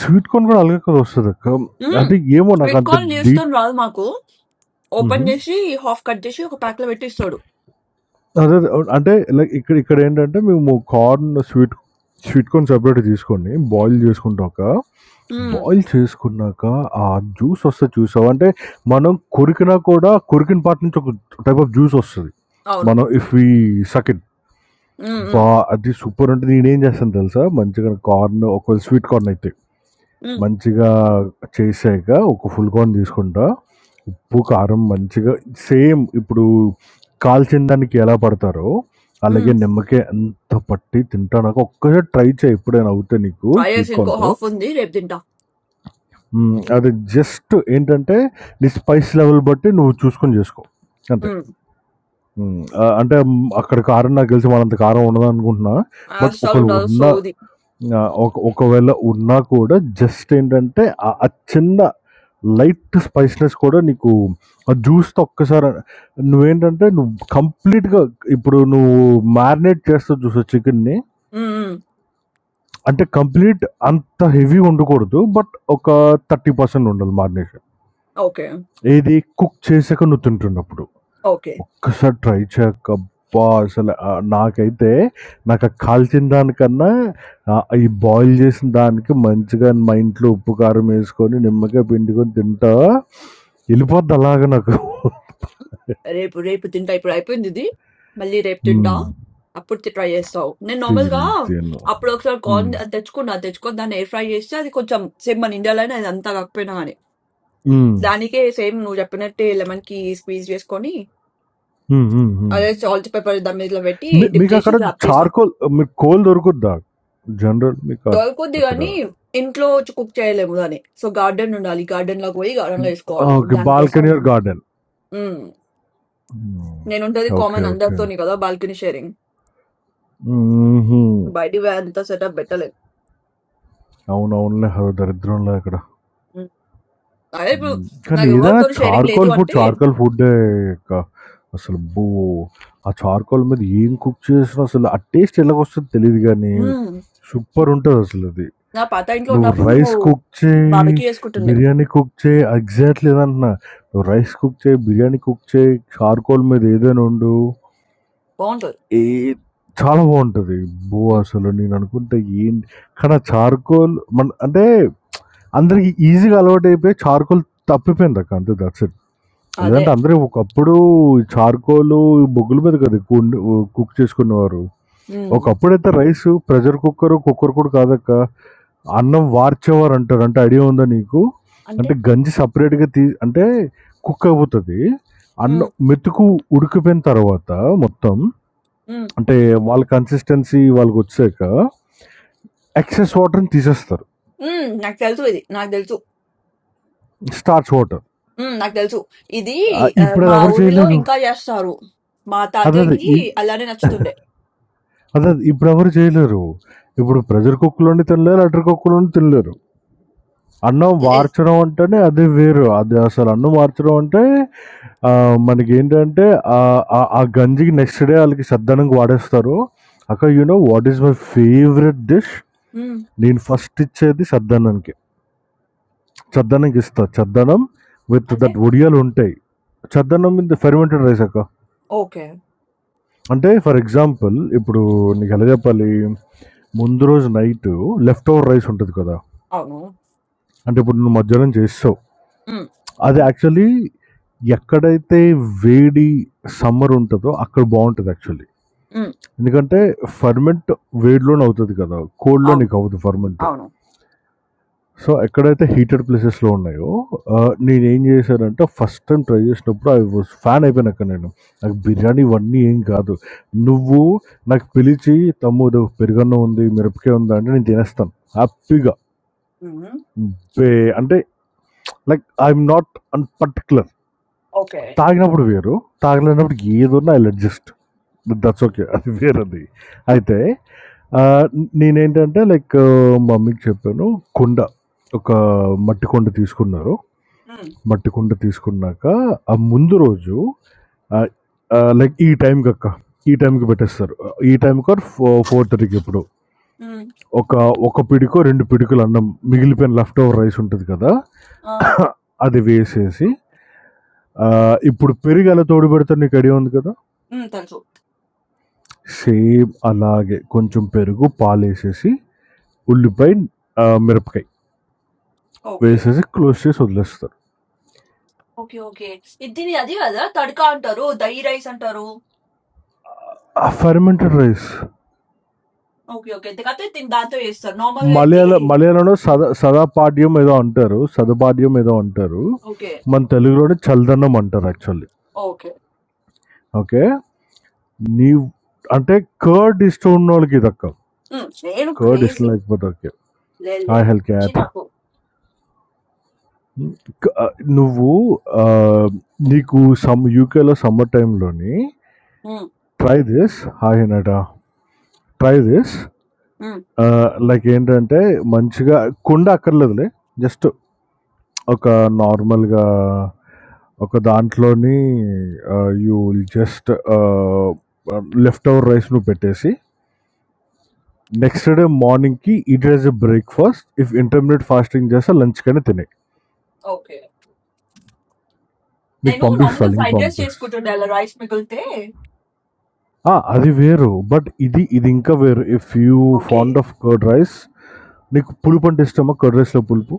[SPEAKER 5] స్వీట్ కార్న్ కూడా అలాగే కదా వస్తదక్క.
[SPEAKER 1] హ్మ్.
[SPEAKER 5] అంటే ఏమో
[SPEAKER 1] స్వీట్
[SPEAKER 5] నాకంత
[SPEAKER 1] కార్న్ లీవ్స్
[SPEAKER 5] డీ
[SPEAKER 1] తోని రాదు మాకు. ఓపెన్
[SPEAKER 5] హుహు.
[SPEAKER 1] జేసి, హాఫ్ కట్ జేసి ఒక ప్యాక్‌లో పెట్టి ఇస్తాడు.
[SPEAKER 5] అదే అదే. అవును. అంటే లైక్ ఇక్కడ ఇక్కడ ఏంటంటే మేము కార్న్ స్వీట్ స్వీట్ కార్న్ సెపరేట్‌గా తీసుకొని బాయిల్ చేసుకుంటాక,
[SPEAKER 1] హ్మ్.
[SPEAKER 5] బాయిల్ చేసుకున్నాక ఆ జ్యూస్ వస్తది చూసావా? అంటే మనం కొరికినా కూడా కొరికిన పార్ట్ నుంచి ఒక టైప్ ఆఫ్ జ్యూస్ వస్తది.
[SPEAKER 1] అవును.
[SPEAKER 5] మనం ఇఫ్ వి సక్ ఇట్.
[SPEAKER 1] హ్మ్. హ్మ్.
[SPEAKER 5] అబ్బా! అది సూపర్! అంటే నేనేం చేస్తాను తెలుసా? మంచిగా కార్న్ ఒకవేళ స్వీట్ కార్న్ అయితే
[SPEAKER 1] హ్మ్.
[SPEAKER 5] మంచిగా చేశాక ఒక ఫుల్ కార్న్ తీసుకుంటా. ఉప్పు, కారం మంచిగా సేమ్ ఇప్పుడు కాల్చిన దానికి ఎలా పడతారో,
[SPEAKER 1] హ్మ్.
[SPEAKER 5] అలాగే నిమ్మకాయ అంత పట్టి తింటానాక ఒక్కసారి ట్రై చేయి ఎప్పుడైనా అవుతే నీకు
[SPEAKER 1] ట్రై
[SPEAKER 5] స్వీట్
[SPEAKER 1] చేసి ఇంకో
[SPEAKER 5] కార్న్‌తో.
[SPEAKER 1] హాఫ్ ఉంది. రేపు తింటా.
[SPEAKER 5] హ్మ్. అది జస్ట్ ఏంటంటే నీ స్పైస్ లెవెల్ బట్టి నువ్వు చూసుకొని చేసుకో. అంతే.
[SPEAKER 1] హ్మ్.
[SPEAKER 5] హ్మ్. ఆహ్, అంటే మ్, అక్కడ కారం నాకు తెలిసి మనంత కారం ఉండదనుకుంటున్నా. బట్ ఒకవేళ
[SPEAKER 1] అస్సలుండదు
[SPEAKER 5] ఉన్నా
[SPEAKER 1] సోది.
[SPEAKER 5] ఆ! ఒక ఒకవేళ ఉన్నా కూడా జస్ట్ ఏంటంటే ఆ ఆ చిన్న లైట్ స్పైసీనెస్ కూడా నీకు ఆ జ్యూస్‌తో ఒక్కసారి నువ్వేంటంటే నువ్వు కంప్లీట్‌గా ఇప్పుడు నువ్వు మారినేట్ చేస్తావు చూసావా చికెన్‌ని
[SPEAKER 1] హ్మ్. హ్మ్.
[SPEAKER 5] అంటే కంప్లీట్ అంత హెవీగా ఉండకూడదు. బట్ ఒక 30% ఉండాలి మారినేషన్.
[SPEAKER 1] ఓకే.
[SPEAKER 5] ఏది కుక్ చేసాక నువ్వు తింటున్నప్పుడు.
[SPEAKER 1] ఓకే.
[SPEAKER 5] ఒక్కసారి ట్రై చేయక అబ్బా! అసలు ఆహ్, నాకైతే నాకు ఆ కాల్చిన దానికన్నా ఆహ్, ఈ బాయిల్ చేసిన దానికి మంచిగా మా ఇంట్లో ఉప్పు, కారం ఎసుకొని, నిమ్మకాయ పిండుకొని తింటా ఎళ్ళిపోద్ది అలాగా నాకు.
[SPEAKER 1] రేపు, రేపు తింటా. ఇప్పుడు అయిపోయిందిది. మళ్ళీ రేపు తింటా.
[SPEAKER 5] హ్మ్.
[SPEAKER 1] అప్పుడు తి ట్రై చేస్తావు. నేను నార్మల్‌గా
[SPEAKER 5] తిన్ తిను.
[SPEAKER 1] అప్పుడొకసారి
[SPEAKER 5] హ్మ్.
[SPEAKER 1] కార్న్ అది తెచ్చుకున్నా. తెచ్చుకొని దాన్ని ఎయిర్ ఫ్రై చేస్తే అది కొంచెం సేమ్ మన ఇండియాలోనే అది అంత కాకపోయినా గాని.
[SPEAKER 5] హ్మ్.
[SPEAKER 1] దానికే సేమ్ నువ్వు చెప్పినట్టే లెమన్ కి స్క్వీజ్ చేసుకొని
[SPEAKER 5] హ్మ్. హ్మ్. హ్మ్.
[SPEAKER 1] అదే సాల్ట్ పేపర్ దాని మీద పెట్టి
[SPEAKER 5] మీ
[SPEAKER 1] డిప్ చేసి
[SPEAKER 5] మీకక్కడ
[SPEAKER 1] డ్రాప్ చేసా
[SPEAKER 5] చార్‌కోల్ మీకు కోల్ దొరుకుద్దా? జనరల్ మీకు అట్
[SPEAKER 1] దొరకొద్ది
[SPEAKER 5] అక్కడ
[SPEAKER 1] కానీ ఇంట్లో కుక్ చేయలేము దాన్ని సో గార్డెన్ ఉండాలి గార్డెన్ లోకి పోయి గార్డెన్ లో వేసుకోవాలి ఇప్పుడు
[SPEAKER 5] ఓకే.
[SPEAKER 1] దానికోసం
[SPEAKER 5] బాల్కనీ ఆర్ గార్డెన్.
[SPEAKER 1] ఉమ్,
[SPEAKER 5] హ్మ్.
[SPEAKER 1] నేను ఉంటది
[SPEAKER 5] ఓకే.
[SPEAKER 1] Common
[SPEAKER 5] okay.
[SPEAKER 1] అందరితోని కదా బాల్కనీ షేరింగ్
[SPEAKER 5] హుహు.
[SPEAKER 1] బయట అంత సెటప్ పెట్టలేదు
[SPEAKER 5] అవునవునులే అదో దరిద్రంలా ఇక్కడ.
[SPEAKER 1] ఉమ్, అదే ఇప్పుడు
[SPEAKER 5] హ్మ్. కానీ
[SPEAKER 1] నాకు
[SPEAKER 5] ఏదైనా
[SPEAKER 1] ఎవరితో షేరింగ్ లేదు
[SPEAKER 5] చార్‌కోల్ ఫుడ్
[SPEAKER 1] అంటే
[SPEAKER 5] చార్‌కోల్ ఫుడ్డే అక్క. అసలు అబ్బో! ఆ చార్‌కోల్ మీద ఏం కుక్ చేసినా అసలు ఆ టేస్ట్ ఎలాగొస్తదో తెలీదు గానీ,
[SPEAKER 1] ఉమ్,
[SPEAKER 5] సూపరుంటదసలది.
[SPEAKER 1] నా పాత ఇంట్లో
[SPEAKER 5] నువ్వు
[SPEAKER 1] ఉన్నప్పుడు మేము
[SPEAKER 5] రైస్ కుక్ చేయి,
[SPEAKER 1] బాబకి వేసుకుంటుండే
[SPEAKER 5] బిర్యానీ కుక్ చేయి ఎగ్జాక్ట్‌లీ అదంటున్నా. నువ్వు రైస్ కుక్ చేయి, బిర్యానీ కుక్ చేయి, చార్‌కోల్ మీద ఏదైనా వండు.
[SPEAKER 1] బాగుంటది
[SPEAKER 5] ఏ చాలా బావుంటది. అబ్బో!
[SPEAKER 1] ఉమ్,
[SPEAKER 5] అసలు నేననుకుంటా ఏంటి కానీ ఆ చార్‌కోల్ మన అంటే అందరికి ఈజీగా అలవాటు అయిపోయి చార్కోల్ తప్పిపోయింది అక్క అంతే దట్స్ ఇట్
[SPEAKER 1] అదే
[SPEAKER 5] లేదంటే అందరూ ఒకప్పుడు చార్కోలు బొగ్గుల మీద కదా ఎక్కువ ఉండి- కుక్ చేసుకునేవారు
[SPEAKER 1] ఉమ్,
[SPEAKER 5] ఒకప్పుడైతే రైస్ ప్రెషర్ కుక్కర్ కుక్కర్ కూడా కాదక్క అన్నం వార్చేవారు అంటారు అంటే ఐడియా ఉందా నీకు
[SPEAKER 1] అంటే
[SPEAKER 5] అంటే గంజి సపరేట్గా తీ అంటే కుక్ అయిపోతుంది అన్నం మెతుకు ఉడికిపోయిన తర్వాత మొత్తం అంటే వాళ్ళ కన్సిస్టెన్సీ వాళ్ళకి వచ్చాక ఎక్సెస్ వాటర్ని తీసేస్తారు
[SPEAKER 1] హ్మ్. నాకు తెలుసు ఇది. నాకు తెలుసు.
[SPEAKER 5] స్టార్చ్ వాటర్
[SPEAKER 1] హ్మ్. నాకు తెలుసు. ఇది ఆహ్,
[SPEAKER 5] ఇప్పుడు అది
[SPEAKER 1] మా
[SPEAKER 5] ఎవరు
[SPEAKER 1] ఊరిలో
[SPEAKER 5] చేయలేరు
[SPEAKER 1] ఇంకా జేస్తారు. మా
[SPEAKER 5] అదే అదే
[SPEAKER 1] తాతయ్యకి
[SPEAKER 5] ఈ-
[SPEAKER 1] అలానే నచ్చుతుండే.
[SPEAKER 5] అదే ఇప్పుడు ఎవరు చేయలేరు ఇప్పుడు ప్రెజర్ కుక్కలోని తినలేరు అటర్ కుక్కలోని తినలేరు అన్నం
[SPEAKER 1] ఎల్ ఎల్
[SPEAKER 5] మార్చడం అంటేనే అది వేరు అది అసలు అన్నం మార్చడం అంటే ఆ, మనకి ఏంటంటే ఆ ఆ- ఆ గంజికి నెక్స్ట్ డే వాళ్ళకి సద్దానికి వాడేస్తారు అక్క you know what is my favourite dish
[SPEAKER 1] హ్మ్.
[SPEAKER 5] నేను ఫస్ట్ ఇచ్చేది సద్దనానికి చద్దనంకి ఇస్తా చద్దనం విత్
[SPEAKER 1] అంటే
[SPEAKER 5] దట్ ఒడియాలు ఉంటాయి చద్దనం విత్ ఫెర్మెంటెడ్ రైస్ అక్క
[SPEAKER 1] ఓకే.
[SPEAKER 5] అంటే ఫర్ ఎగ్జాంపుల్ ఇప్పుడు నీకు ఎలా చెప్పాలి? ముందు రోజు నైటు లెఫ్ట్ ఓవర్ రైస్ ఉంటది కదా!
[SPEAKER 1] అవును.
[SPEAKER 5] అంటే ఇప్పుడు నువ్వు మధ్యాహ్నం చేసేసావు.
[SPEAKER 1] హ్మ్.
[SPEAKER 5] అది యాక్చువల్లీ ఎక్కడైతే వేడి సమ్మర్ ఉంటదో అక్కడ బావుంటది యాక్చువల్లీ.
[SPEAKER 1] హ్మ్.
[SPEAKER 5] ఎందుకంటే ఫెర్మెంట్ వేడిలోనే అవుతది కదా! కోల్డ్‌లో
[SPEAKER 1] అవును.
[SPEAKER 5] నీకు అవ్వదు ఫెర్మెంట్.
[SPEAKER 1] అవును.
[SPEAKER 5] సో ఎక్కడైతే హీటెడ్ ప్లేసెస్‌లో ఉన్నాయో ఆహ్, నేనేం చేశానంటే ఫస్ట్ టైమ్ ట్రై చేసినప్పుడు ఐ వాస్ ఫ్యాన్ అయిపోయాను అక్కడ నేను. నాకు బిర్యానీ ఇవన్నీ ఏం కాదు. నువ్వు నాకు పిలిచి తమ్ముడు పెరుగన్నం ఉంది, మిరపకాయ ఉందా అంటే నేను తినేస్తాను హ్యాపీగా.
[SPEAKER 1] హ్మ్.
[SPEAKER 5] బే అంటే like I'm not an particular.
[SPEAKER 1] Okay.
[SPEAKER 5] తాగినప్పుడు వేరు. తాగలేనప్పుడు ఏదున్నా ఐల్ అడ్జస్ట్. That's okay. అది వేరది. అయితే ఆహ్, నేనేంటంటే లైక్ మా మమ్మీకి చెప్పాను కుండ. ఒక మట్టి కుండ తీసుకున్నారు.
[SPEAKER 1] హ్మ్.
[SPEAKER 5] మట్టి కుండ తీసుకున్నాక, ఆ ముందు రోజు ఆహ్, ఆహ్, లైక్ ఈ టైంకక్క, ఈ టైంకి పెట్టేస్తారు. ఈ టైంకి ఆర్ ఫో 4:30కి ఎప్పుడో.
[SPEAKER 1] హ్మ్.
[SPEAKER 5] ఒక, ఒక పిడికో, 2 పిడికలు అన్నం మిగిలిపోయిన లెఫ్ట్ ఓవర్ రైస్ ఉంటది కదా!
[SPEAKER 1] ఆ!
[SPEAKER 5] అది వేసేసి ఆహ్, ఇప్పుడు పెరుగు ఎలా తోడుబెడితే నీకు ఐడియా ఉంది కదా!
[SPEAKER 1] హ్మ్. తెలుసు.
[SPEAKER 5] సేమ్ అలాగే కొంచెం పెరుగు, పాలేసేసి, ఉల్లిపాయ, ఆహ్, మిరపకాయ
[SPEAKER 1] ఓకే.
[SPEAKER 5] వేసేసి క్లోజ్ చేసి వదిలేస్తారు.
[SPEAKER 1] ఓకే. ఓకే. ఇది దీని అది గదా! తడకా అంటారు. దహి రైస్ అంటారు.
[SPEAKER 5] ఆ ఫెర్మెంటెడ్ రైస్
[SPEAKER 1] ఓకే. ఓకే. కాతే దీన్ని దాంతో జేస్తారు. నార్మల్‌గా అయితే
[SPEAKER 5] మలయాళ మలయాళంలో సద సదాపాడ్యం ఏదో అంటారు సదపాడ్యం ఏదో అంటారు
[SPEAKER 1] ఓకే.
[SPEAKER 5] మన తెలుగులోనే చల్దనం అంటారు యాక్చువల్లీ
[SPEAKER 1] ఓకే.
[SPEAKER 5] ఓకే నీ అంటే కర్డ్ ఇష్టం ఉన్న వాళ్ళకి ఇది అక్క
[SPEAKER 1] హ్మ్. నేను
[SPEAKER 5] కర్డ్ ఇష్టం
[SPEAKER 1] క్రేజీ.
[SPEAKER 5] లేకపోతే ఓకే
[SPEAKER 1] లేదులే.
[SPEAKER 5] ఐ హెల్
[SPEAKER 1] ఛీ
[SPEAKER 5] క్యాట్
[SPEAKER 1] నాకు.
[SPEAKER 5] నువ్వు ఆ, నీకు సమ్ యూకేలో సమ్మర్ టైంలోని ట్రై దిస్ హాయ్ నట ట్రై దిస్
[SPEAKER 1] హ్మ్.
[SPEAKER 5] లైక్ ఏంటంటే మంచిగా కుండ అక్కర్లేదులే జస్ట్ ఒక నార్మల్‌గా ఒక దాంట్లోని ah, you will just ah, left over rice నువ్వు పెట్టేసి, నెక్స్ట్ డే మార్నింగ్‌కి it as a breakfast. If intermediate fasting చేస్తే లంచ్‌కైనా తినేయి.
[SPEAKER 1] ఓకే.
[SPEAKER 5] నీకు
[SPEAKER 1] నేను
[SPEAKER 5] పంపిస్తా
[SPEAKER 1] నార్మల్‌గా
[SPEAKER 5] లింక్
[SPEAKER 1] ఫ్రైడ్ రైస్
[SPEAKER 5] పంపిస్
[SPEAKER 1] చేసుకుంటుండే అలా రైస్ మిగిలితే
[SPEAKER 5] ఆ! అది వేరు. బట్ ఇది ఇది ఇంకా వేరు. If you
[SPEAKER 1] okay.
[SPEAKER 5] Fond of curd rice నీకు పులుపు అంటే ఇష్టమా? కర్డ్ రైస్‌లో పులుపు.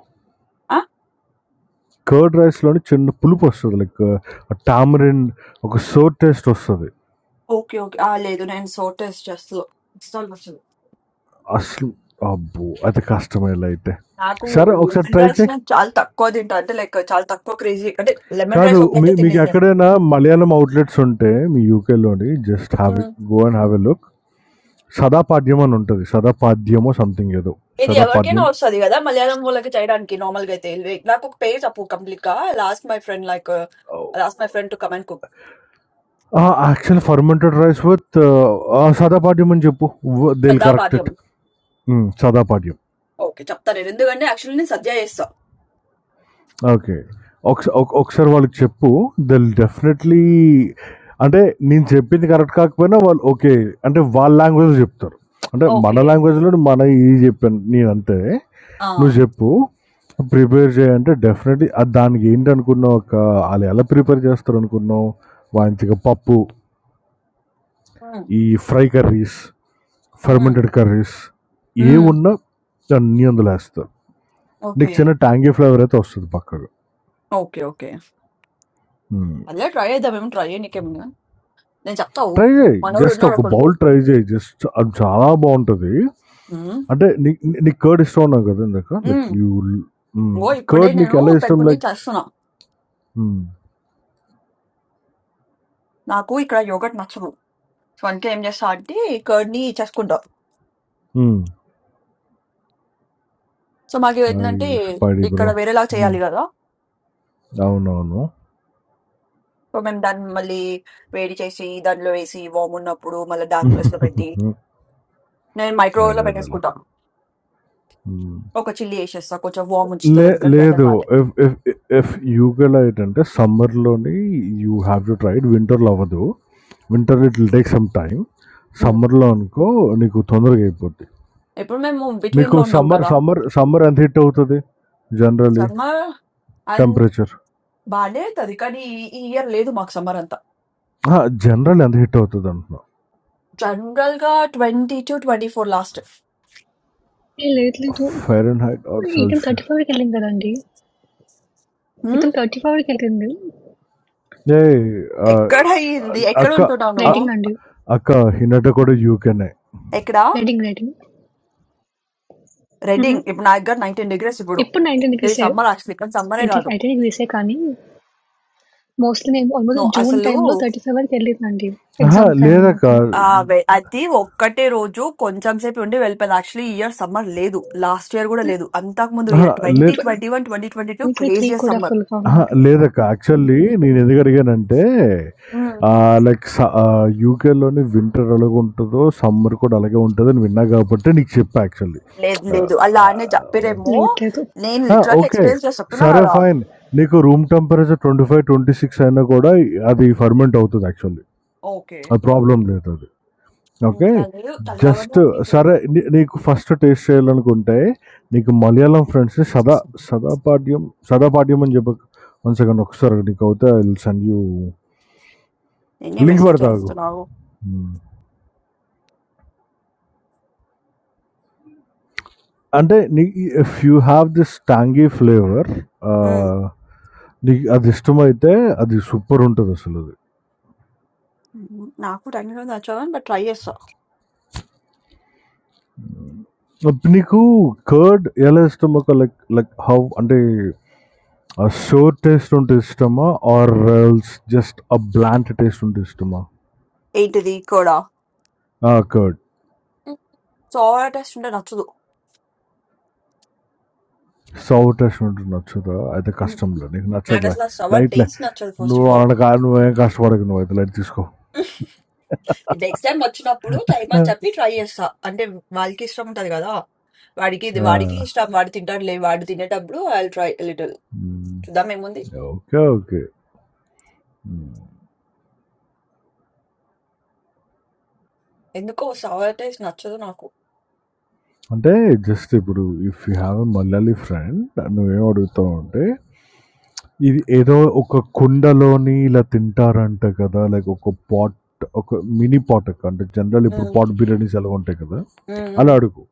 [SPEAKER 1] ఆ!
[SPEAKER 5] కర్డ్ రైస్‌లోని చిన్న పులుపు వస్తది. లైక్ టామరిన్ ఒక సోర్ టేస్ట్ వస్తది.
[SPEAKER 1] ఓకే. ఓకే. ఆ! లేదు నేను సోటేస్ చేస్తా. అస్సలు నచ్చదు.
[SPEAKER 5] అసలు అబ్బో! అది కష్టమేలే అయితే.
[SPEAKER 1] నాకు
[SPEAKER 5] సరే ఒకసారి
[SPEAKER 1] లెమన్
[SPEAKER 5] ట్రై
[SPEAKER 1] రైస్
[SPEAKER 5] చెయి.
[SPEAKER 1] నేను చాలా తక్కువ తింటా. అంటే లైక్ చాలా తక్కువ క్రేజీ అంటే లెమన్
[SPEAKER 5] కాదు
[SPEAKER 1] రైస్
[SPEAKER 5] మీ
[SPEAKER 1] ఒక్కటే
[SPEAKER 5] మీకు
[SPEAKER 1] తినేది నేను.
[SPEAKER 5] ఎక్కడైనా మలయాళం అవుట్‌లెట్స్ ఉంటే మీ యూకేలోని just have a
[SPEAKER 1] hmm.
[SPEAKER 5] Go and have a look. సదాపాద్యం అని ఉంటది. సదాపాద్యమో సంథింగ్ ఏదో.
[SPEAKER 1] ఇది ఎవరికైనా
[SPEAKER 5] సదాపాద్యం
[SPEAKER 1] వస్తది గదా! మలయాళం వాళ్ళకి చేయడానికి నార్మల్‌గా అయితే. లైక్ నాకు ఒక పేరు చెప్పు కంప్లీట్‌గా. I'll ask my friend like I'll ask my friend to come and cook.
[SPEAKER 5] ఆ! Actual fermented rice with ah, సదాపాడ్యం అని చెప్పు. వ్ దే విల్
[SPEAKER 1] శ్రద్ధా
[SPEAKER 5] కరెక్ట్
[SPEAKER 1] పాద్యం.
[SPEAKER 5] ఇట్. హ్మ్. సదాపాడ్యం.
[SPEAKER 1] ఓకే. చెప్తా నేను. ఎందుకంటే యాక్చువల్లీ నేను సద్య చేస్తా.
[SPEAKER 5] ఓకే. ఒకసా ఒక ఒకసారి వాళ్ళకి చెప్పు. దే విల్ డెఫినెట్‌లీ అంటే నేను చెప్పింది కరెక్ట్ కాకపోయినా వాళ్ళు ఓకే. అంటే వాళ్ళ లాంగ్వేజ్‌లో చెప్తారు. అంటే మన
[SPEAKER 1] ఓకే.
[SPEAKER 5] లాంగ్వేజ్‌లో మన ఇది చెప్పాను నేనంతే.
[SPEAKER 1] ఆ!
[SPEAKER 5] నువ్వు చెప్పు. ప్రిపేర్ చేయంటే డెఫినెట్‌లీ అది దానికి ఏంటనుకున్నావు ఒక ఆళ్ళు ఎలా ప్రిపేర్ చేస్తారనుకున్నావు? మంచిగా పప్పు,
[SPEAKER 1] హ్మ్.
[SPEAKER 5] ఈ ఫ్రై కర్రీస్,
[SPEAKER 1] హ్మ్.
[SPEAKER 5] ఫెర్మెంటెడ్ కర్రీస్
[SPEAKER 1] హ్మ్.
[SPEAKER 5] ఏవున్నా అన్నీ అందులో ఏస్తారు. నీకు
[SPEAKER 1] ఓకే.
[SPEAKER 5] చిన్న టాంగీ ఫ్లేవర్ అయితే వస్తది పక్కగా.
[SPEAKER 1] ఓకే. ఓకే.
[SPEAKER 5] హ్మ్.
[SPEAKER 1] మళ్ళా ట్రై చేద్దామేమో ట్రై చేయనీకేముంది గాని. నేను చెప్తా ఆగు.
[SPEAKER 5] ట్రై చేయి
[SPEAKER 1] మనోడు
[SPEAKER 5] జస్ట్
[SPEAKER 1] ఉన్నాడు
[SPEAKER 5] ఒక
[SPEAKER 1] ఒకడు.
[SPEAKER 5] బౌల్ ట్రై చేయి జస్ట్ అది చాలా బాగుంటుంది
[SPEAKER 1] హ్మ్.
[SPEAKER 5] అంటే నీ నీ- నీకు కర్డ్ ఇష్టం ఉన్నావు కదా ఇందాక లైక్
[SPEAKER 1] హ్మ్.
[SPEAKER 5] యూ
[SPEAKER 1] ఇగో ఇప్పుడే
[SPEAKER 5] కర్డ్ నీకు
[SPEAKER 1] నేను
[SPEAKER 5] ఎలా ఇష్టం
[SPEAKER 1] పెరుగుని
[SPEAKER 5] లైక్
[SPEAKER 1] చేస్తున్నా. నాకు ఇక్కడ యోగర్ట్ నచ్చదు. సో, అందుకే ఏం చేస్తా అంటే కర్డ్‌ని చేసుకుంటా. సో, మాకు ఏంటంటే
[SPEAKER 5] స్పైడీ
[SPEAKER 1] ఇక్కడ
[SPEAKER 5] బ్రో
[SPEAKER 1] వేరేలా చేయాలి కదా!
[SPEAKER 5] అవునవును
[SPEAKER 1] సో, మేము దాన్ని మళ్ళీ వేడి చేసి, దాంట్లో వేసి, వార్మ్ ఉన్నప్పుడు మళ్ళా డార్క్ ప్లేస్‌లో పెట్టి,
[SPEAKER 5] మ్మ్.
[SPEAKER 1] నేను
[SPEAKER 5] అదే
[SPEAKER 1] మైక్రోవేవ్‌లో
[SPEAKER 5] అదే
[SPEAKER 1] పెట్టేసుకుంటా.
[SPEAKER 5] మ్మ్.
[SPEAKER 1] ఒక చిల్లి ఏసేస్తా. కొంచెం వార్మ్
[SPEAKER 5] లే
[SPEAKER 1] ఉంచుతది ఎందుకంటే వెదర్
[SPEAKER 5] లేదు
[SPEAKER 1] బాలే.
[SPEAKER 5] ఎఫ్ ఎఫ్ ఎఫ్ యూకెలో ఏంటంటే సమ్మర్లోని you have to try it వింటర్లో అవ్వదు winter it will take some time
[SPEAKER 1] హ్మ్.
[SPEAKER 5] సమ్మర్లో అనుకో నీకు తొందరగా అయిపోద్ది
[SPEAKER 1] ఇప్పుడు మేము
[SPEAKER 5] మీకు
[SPEAKER 1] బిట్వీన్‌లో ఉన్నాం
[SPEAKER 5] సమ్మర్
[SPEAKER 1] కదా!
[SPEAKER 5] సమ్మర్ సమ్మర్ ఎంత హిట్ అవుతుంది జనరలీ
[SPEAKER 1] సమ్మర్
[SPEAKER 5] టెంపరేచర్
[SPEAKER 1] బానే అవుతుంది కానీ ఈ ఈ ఇయర్ లేదు మాకు సమ్మర్ అంతా
[SPEAKER 5] జనరల్ ఎంత హిట్ అవుతుంది అంటున్నా
[SPEAKER 1] జనరల్ గా twenty two twenty four last
[SPEAKER 10] ఏ లేదు లేదు.
[SPEAKER 5] ఫైరన్ హైట్ ఆర్
[SPEAKER 10] ఇతను
[SPEAKER 5] సెల్సియస్
[SPEAKER 10] 34కి ఎళ్ళింది గదండీ!
[SPEAKER 1] హ్మ్?
[SPEAKER 10] ఇతను 34కి ఎళ్ళింది.
[SPEAKER 5] ఏ ఆ,
[SPEAKER 1] ఎక్కడ అయ్యింది ఎక్కడ
[SPEAKER 5] అక్క
[SPEAKER 1] ఉంటున్నావు
[SPEAKER 5] ఆ,
[SPEAKER 1] నువ్వు
[SPEAKER 10] రెడ్డింగ్ అండి.
[SPEAKER 5] అక్క హినట కూడా యూకేనే
[SPEAKER 1] ఎక్కడ
[SPEAKER 10] రెడ్డింగ్, రెడ్డింగ్. హుహు.
[SPEAKER 1] రెడ్డింగ్ ఇప్పుడు నా దగ్గర నైన్టీన్ డిగ్రీస్ ఇప్పుడు
[SPEAKER 10] ఇప్పుడు 19
[SPEAKER 1] ఇది
[SPEAKER 10] డిగ్రీసే.
[SPEAKER 1] సమ్మర్ యాక్చువల్లీ కానీ సమ్మరే
[SPEAKER 10] ఇట్ ఈస్
[SPEAKER 1] కాదు
[SPEAKER 10] 19 డిగ్రీసే కానీ మోస్ట్‌లీ నేను ఆల్మోస్ట్
[SPEAKER 1] నువ్వు
[SPEAKER 10] జూన్
[SPEAKER 1] అసలు
[SPEAKER 10] టైమ్‌లో 35 వరకు ఎళ్ళిందండి.
[SPEAKER 5] ఆహా,
[SPEAKER 10] ఎగ్జామ్స్ టైమ్‌లో
[SPEAKER 5] లేదక్క
[SPEAKER 10] నాకు.
[SPEAKER 1] ఆ వె- అది ఒక్కటే రోజు కొంచెం సేపు ఉండి వెళ్ళిపోయింది యాక్చువల్లీ ఇయర్ సమ్మర్ లేదు లాస్ట్ ఇయర్ కూడా లేదు అంతకు ముందు
[SPEAKER 5] ఆహా,
[SPEAKER 1] ఇయర్ ట్వంటీ
[SPEAKER 5] లే-
[SPEAKER 10] ట్వె
[SPEAKER 1] twenty one twenty twenty two
[SPEAKER 10] 2023
[SPEAKER 1] crazy
[SPEAKER 10] కూడా
[SPEAKER 1] సమ్మర్
[SPEAKER 10] ఫుల్‌గా
[SPEAKER 5] ఆహా,
[SPEAKER 10] ఉండింది.
[SPEAKER 5] లేదక్క యాక్చువల్లీ నేను ఎందుకు అడిగానంటే
[SPEAKER 1] మ్మ్.
[SPEAKER 5] లైక్ యూకేలోని వింటర్ అలాగే ఉంటుందో సమ్మర్ కూడా అలాగే ఉంటుందో అని విన్నా కాబట్టి నీకు చెప్పా యాక్చువల్లీ
[SPEAKER 1] లేదు లేదు అలా అనే చెప్పారేమో
[SPEAKER 10] లేదు లేదు.
[SPEAKER 1] నేను
[SPEAKER 5] ఆ!
[SPEAKER 1] Literal
[SPEAKER 5] okay.
[SPEAKER 1] ఎక్స్పీరియన్స్ చేసి చెప్తున్నా
[SPEAKER 5] సరే
[SPEAKER 1] కదా
[SPEAKER 5] ఫైన్. నీకు రూమ్ టెంపరేచర్ 25, 26 అయినా కూడా అది ఫెర్మెంట్ అవుతది యాక్చువల్లీ.
[SPEAKER 1] ఓకే
[SPEAKER 5] అది ప్రాబ్లమ్ లేదది. ఓకే.
[SPEAKER 1] ఇంకా లేదు చల్లగానే
[SPEAKER 5] జస్ట్
[SPEAKER 1] ఉంది
[SPEAKER 5] సరే
[SPEAKER 1] ఈరోజు.
[SPEAKER 5] నీ నీకు ఫస్ట్ టేస్ట్ చేయాలనుకుంటే నీకు మలయాళం ఫ్రెండ్స్‌ని సదా సదాపాడ్యం సదాపాడ్యం అని చెప్పకు. వన్ సెకండ్ ఒకసారి నీకవుతే ఐ విల్ సెండ్ యూ
[SPEAKER 1] నేనే
[SPEAKER 5] లింక్
[SPEAKER 1] మెసేజ్
[SPEAKER 5] పెడతా ఆగు.
[SPEAKER 1] చేస్తున్నావు
[SPEAKER 5] హ్మ్. అంటే నీ if you have this tangy flavour
[SPEAKER 1] um,
[SPEAKER 5] ah, నీకు అది ఇష్టమైతే అది సూపర్ ఉంటదసలది.
[SPEAKER 1] ఉమ్, నాకు టెక్నికల్ నచ్చావని బట్ ట్రై చేస్తా
[SPEAKER 5] అప్పుడు నీకు కర్డ్ ఎలా ఇష్టం ఒక లైక్ లైక్ హౌ అంటే ఆ షోర్ టేస్ట్ ఉంటే ఇష్టమా or just a blunt taste ఉంటే ఇష్టమా
[SPEAKER 1] ఏంటిది కూడా
[SPEAKER 5] కర్డ్
[SPEAKER 1] ఉమ్, సోవా టేస్ట్ ఉంటే నచ్చదు
[SPEAKER 5] సౌ టేస్ట్ ఉంటే నచ్చుదా అయితే
[SPEAKER 1] ఉమ్,
[SPEAKER 5] కష్టంలే నీకు
[SPEAKER 1] నాకు
[SPEAKER 5] నచ్చదులే
[SPEAKER 1] అసలు సోవా
[SPEAKER 5] లైట్లే
[SPEAKER 1] టేస్ట్ నచ్చదు ఫస్ట్
[SPEAKER 5] నువ్వు
[SPEAKER 1] ఆఫ్ ఆల్
[SPEAKER 5] అలాంటి కా నువ్వేం కష్టపడకు నువ్వు అయితే లైట్ తీసుకో
[SPEAKER 1] నెక్స్ట్ టైం వచ్చినప్పుడు టైం అని చెప్పి ట్రై చేస్తా అంటే వాళ్ళకి ఇష్టం ఉంటది కదా వాడికి ఇది వాడికి ఇష్టం వాడు తింటాడులే వాడు తినేటప్పుడు ఐ ట్రై లిటిల్ చూద్దాం ఏముంది
[SPEAKER 5] ఓకే ఓకే
[SPEAKER 1] ఎందుకో సోవా టేస్ట్ నచ్చదు నాకు
[SPEAKER 5] అంటే జస్ట్ ఇప్పుడు if you have a Malayali friend నువ్వేం అడుగుతావు అంటే ఇది ఏదో ఒక కుండలోని ఇలా తింటారంట కదా! లైక్ ఒక పాట్ ఒక మినీ పాట్ అంటే జనరల్ ఇప్పుడు
[SPEAKER 1] ఉమ్,
[SPEAKER 5] పాట్ బిర్యానీస్ ఎలా ఉంటాయి కదా!
[SPEAKER 1] ఉమ్,
[SPEAKER 5] అలా
[SPEAKER 1] ఉమ్.
[SPEAKER 5] అడుగు.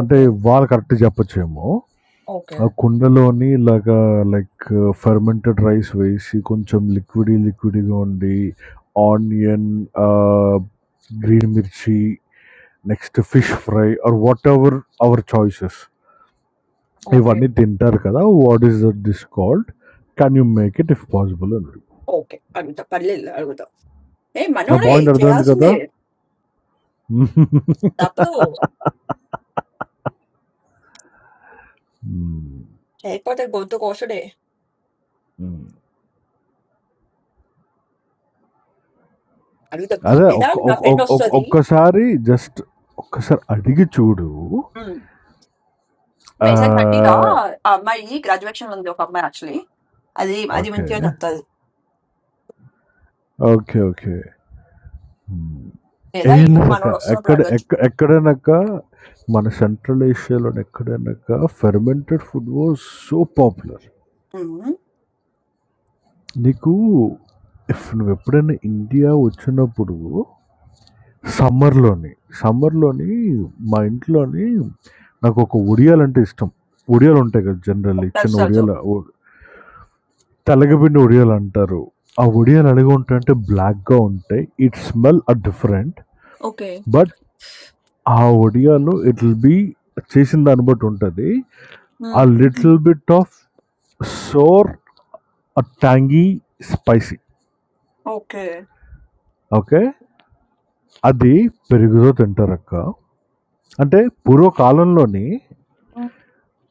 [SPEAKER 5] అంటే వాళ్ళు కరెక్ట్ చెప్పచ్చేమో.
[SPEAKER 1] ఓకే
[SPEAKER 5] ఆ కుండలోని ఇలాగా లైక్ ఫెర్మెంటెడ్ రైస్ వేసి కొంచెం లిక్విడీ లిక్విడీగా ఉండి onion ah, green mirchi next fish fry or whatever our choices
[SPEAKER 1] okay
[SPEAKER 5] ఇవన్నీ తింటారు కదా! What is this called? Can you make it if possible అని అడుగు.
[SPEAKER 1] ఓకే అంత పర్లేదు అడుగుతా ఏ
[SPEAKER 5] నా
[SPEAKER 1] మనోడే
[SPEAKER 5] పాయింట్ అర్థమైంది కదా
[SPEAKER 1] చేయాల్సిందే తప్పదు
[SPEAKER 5] మ్మ్.
[SPEAKER 1] లేకపోతే గొంతు కోసుడే
[SPEAKER 5] మ్మ్.
[SPEAKER 1] అడుగుతా
[SPEAKER 5] అదే
[SPEAKER 1] లేదా
[SPEAKER 5] ఒక్క-
[SPEAKER 1] నా
[SPEAKER 5] ఒక్క-
[SPEAKER 1] ఫ్రెండ్
[SPEAKER 5] ఒక్క- ఒక్క-
[SPEAKER 1] వస్తుంది
[SPEAKER 5] ఒక్కసారి జస్ట్ ఒక్కసారి అడిగి చూడు ఆ,
[SPEAKER 1] మెసేజ్ కట్టిగా ఆ అమ్మాయి గ్రాడ్యుయేషన్ లో ఉంది ఒక అమ్మాయి యాక్చువల్లీ అది అది
[SPEAKER 5] ఓకే
[SPEAKER 1] మంచిగా చెప్తాది
[SPEAKER 5] ఓకే ఓకే మ్మ్.
[SPEAKER 1] లేదా
[SPEAKER 5] ఏం
[SPEAKER 1] ఇది
[SPEAKER 5] లేదక్క
[SPEAKER 1] మనోడు వస్తున్నప్పుడు
[SPEAKER 5] ఎక్కడ
[SPEAKER 1] అడగచ్చు
[SPEAKER 5] ఎక్క ఎక్కడైనాక మన సెంట్రల్ ఏషియాలో ఎక్కడైనాక fermented food was so popular
[SPEAKER 1] um,
[SPEAKER 5] నీకు ఇఫ్ నువ్వు ఎప్పుడైనా ఇండియా వచ్చినప్పుడు
[SPEAKER 1] ఉమ్,
[SPEAKER 5] సమ్మర్‌లోని, సమ్మర్‌లోని మా ఇంట్లోని నాకొక ఉడియాలంటే ఇష్టం. ఉడియాలుంటాయి కదా! జనరల్లీ చిన్న
[SPEAKER 1] తెలుసు తెలుసు
[SPEAKER 5] ఉడియాల ఉ తెలగపిండి ఉడియాలంటారు. ఆ ఉడియాలు ఎలాగుంటాయంటే బ్లాక్‌గా ఉంటాయి. It smell are different.
[SPEAKER 1] Okay
[SPEAKER 5] but ఆ ఉడియాలు ఇట్ విల్ బీ చేసిన దాన్ని బట్టి ఉంటది. A little bit of sour or tangy spicy.
[SPEAKER 1] Okay
[SPEAKER 5] okay. అది పెరుగుతో తింటారక్క. అంటే పూర్వకాలంలోని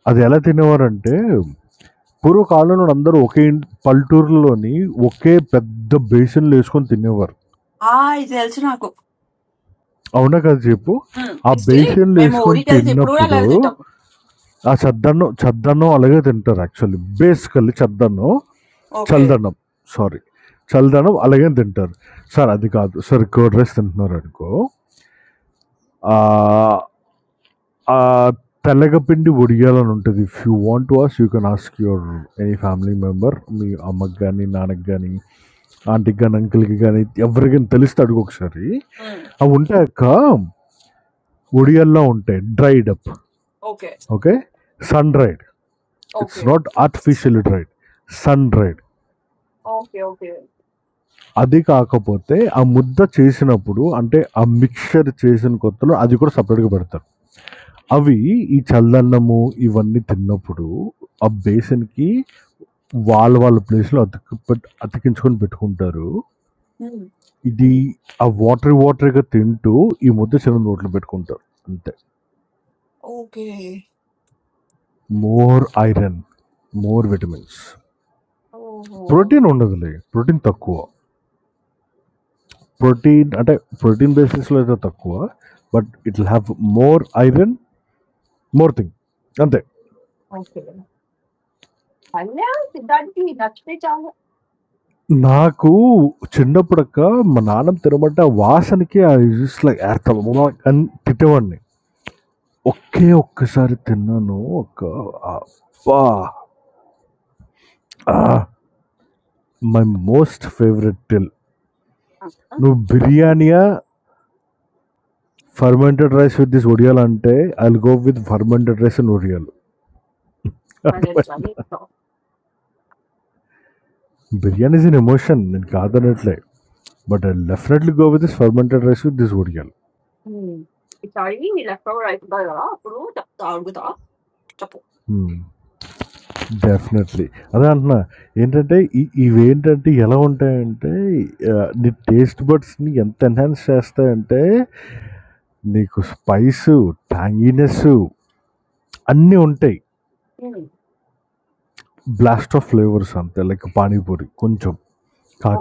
[SPEAKER 5] అది ఎలా తినేవారంటే పూర్వకాలంలో అందరూ ఒకే ఇంటి పల్లెటూరులోని ఒకే పెద్ద బేసిన్లో వేసుకొని తినేవారు
[SPEAKER 1] ఆ ఇది తెలుసు నాకు
[SPEAKER 5] అవునా కదా చెప్పు ఆ
[SPEAKER 1] స్టిల్
[SPEAKER 5] బేసిన్లో
[SPEAKER 1] మేము
[SPEAKER 5] వేసుకొని
[SPEAKER 1] ఊరికి వెళ్తే ఇప్పుడు కూడా
[SPEAKER 5] తిన్నప్పుడు
[SPEAKER 1] అలాగే తింటాం
[SPEAKER 5] ఆ చద్దన్నం చద్దన్నం అలాగే తింటారు యాక్చువల్లీ బేసికల్లీ చద్దన్నం
[SPEAKER 1] ఓకే
[SPEAKER 5] చల్దన్నం సారీ చల్దనం అలాగే తింటారు సార్ అది కాదు సార్ కర్డ్ రైస్ తింటున్నారు అనుకో ఆ, ఆ! తెల్లగపిండి ఒడియాలని ఉంటది. If you want to ask you can ask your any family member. మీ అమ్మకి గాని, నాన్నకి గాని, ఆంటీకి గాని, అంకుల్‌కి గాని ఎవరికైనా తెలిస్తే అడుగు ఒకసారి. అవి ఉంటాయక్క. ఒడియాల్లా ఉంటాయి. Dried up.
[SPEAKER 1] Okay
[SPEAKER 5] okay. Sun dried. It's
[SPEAKER 1] okay
[SPEAKER 5] not artificially dried. Sun dried.
[SPEAKER 1] Okay
[SPEAKER 5] అది కాకపోతే ఆ ముద్ద చేసినప్పుడు అంటే ఆ మిక్స్చర్ చేసిన కొత్తలో అది కూడా సెపరేట్‌గా పెడతారు. అవి ఈ చల్లన్నము ఇవన్నీ తిన్నప్పుడు ఆ బేసన్‌కి వాళ్ళ వాళ్ళ ప్లేస్‌లో అతికి పెట్ అతికించుకొని పెట్టుకుంటారు. ఇది ఆ వాటరీ వాటరీగా తింటూ ఈ ముద్ద చిన్న నోట్లో పెట్టుకుంటారు. అంతే.
[SPEAKER 1] Okay
[SPEAKER 5] more iron, more vitamins.
[SPEAKER 1] ఓహో!
[SPEAKER 5] ప్రోటీన్ ఉండదులే. ప్రోటీన్ తక్కువ. ప్రోటీన్ అంటే ప్రోటీన్ బేసిస్‌లో అయితే తక్కువ. But it will have more iron, more thing. అంతే.
[SPEAKER 1] ఓకే. పల్లా, సిద్ధాంతికి నచ్చితే చాలు.
[SPEAKER 5] నాకు చిన్నప్పుడక్క మా నాన్నమ్మ తినమంటే ఆ వాసనకి ఐ జస్ట్ లైక్ ఎర్తాం అని తిట్టేవాడిని. ఒకే ఒక్కసారి తిన్నాను ఒక అబ్బా మై మోస్ట్ ఫేవరెట్ టిల్
[SPEAKER 1] ఆ! ఆ!
[SPEAKER 5] నువ్వు బిర్యానీయా ఫర్మెంటెడ్ రైస్ విత్ దిస్ ఒడియాలు అంటే I will go with fermented rice and ఒడియాలు బిర్యానీ ఇస్ ఇన్ ఎమోషన్ నేను కాదనట్లే but I definitely go with this fermented rice with this ఒడియాలు
[SPEAKER 1] హ్మ్. ఈసారి నీ లెఫ్ట్ ఓవర్ అయితుంటది గదా! అప్పుడు చెప్తా అడుగుతా చెప్పు.
[SPEAKER 5] డెఫినెట్లీ అదే అంటున్నా ఏంటంటే ఈ- ఇవేంటంటే ఎలా ఉంటాయంటే ఆ, నీ టేస్ట్ బడ్స్ని ఎంత ఎన్హాన్స్ చేస్తాయంటే నీకు స్పైసు, ట్యాంగీనెస్సు అన్నీ ఉంటాయి.
[SPEAKER 1] హ్మ్.
[SPEAKER 5] బ్లాస్ట్ ఆఫ్ ఫ్లేవర్స్ అంతే లైక్ పానీపూరి కొంచెం.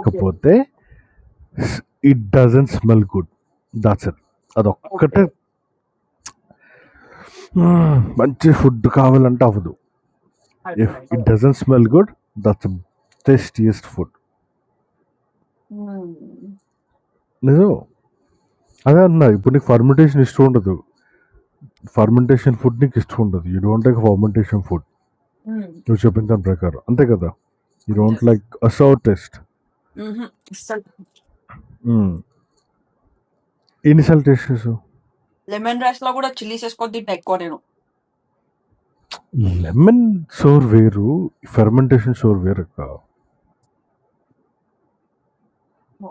[SPEAKER 1] ఓకే.
[SPEAKER 5] స్ it doesn't smell good. That's it.
[SPEAKER 1] Okay.
[SPEAKER 5] అదొక్కటే హ్మ్, మంచి ఫుడ్ కావాలంటే అవ్వదు. ఇఫ్
[SPEAKER 1] అర్థమైంది.
[SPEAKER 5] ఇట్
[SPEAKER 1] అలా.
[SPEAKER 5] Doesn't smell good that's tastiest food.
[SPEAKER 1] Hmm.
[SPEAKER 5] నిజం. అదే అన్నా ఇప్పుడు నీకు ఫర్మెంటేషన్ ఇష్టం ఉండదు. ఫర్మెంటేషన్ ఫుడ్ నీకు ఇష్టం ఉండదు. You don't like fermentation food.
[SPEAKER 1] Hmm.
[SPEAKER 5] నువ్వు చెప్పిన దాని ప్రకారం. అంతే కదా! యూ
[SPEAKER 1] అంతే.
[SPEAKER 5] Don't like a sour taste.
[SPEAKER 1] హుహు. అస్సలు.
[SPEAKER 5] హ్మ్. ఇన్ని చేసేసు.
[SPEAKER 1] లెమన్ రైస్‌లో గూడా చిల్లీస్ ఏసుకొని తింటా ఎక్కువ నేను.
[SPEAKER 5] లెమన్ సోర్ వేరు. ఫెర్మెంటేషన్ సోర్ వేరక్క.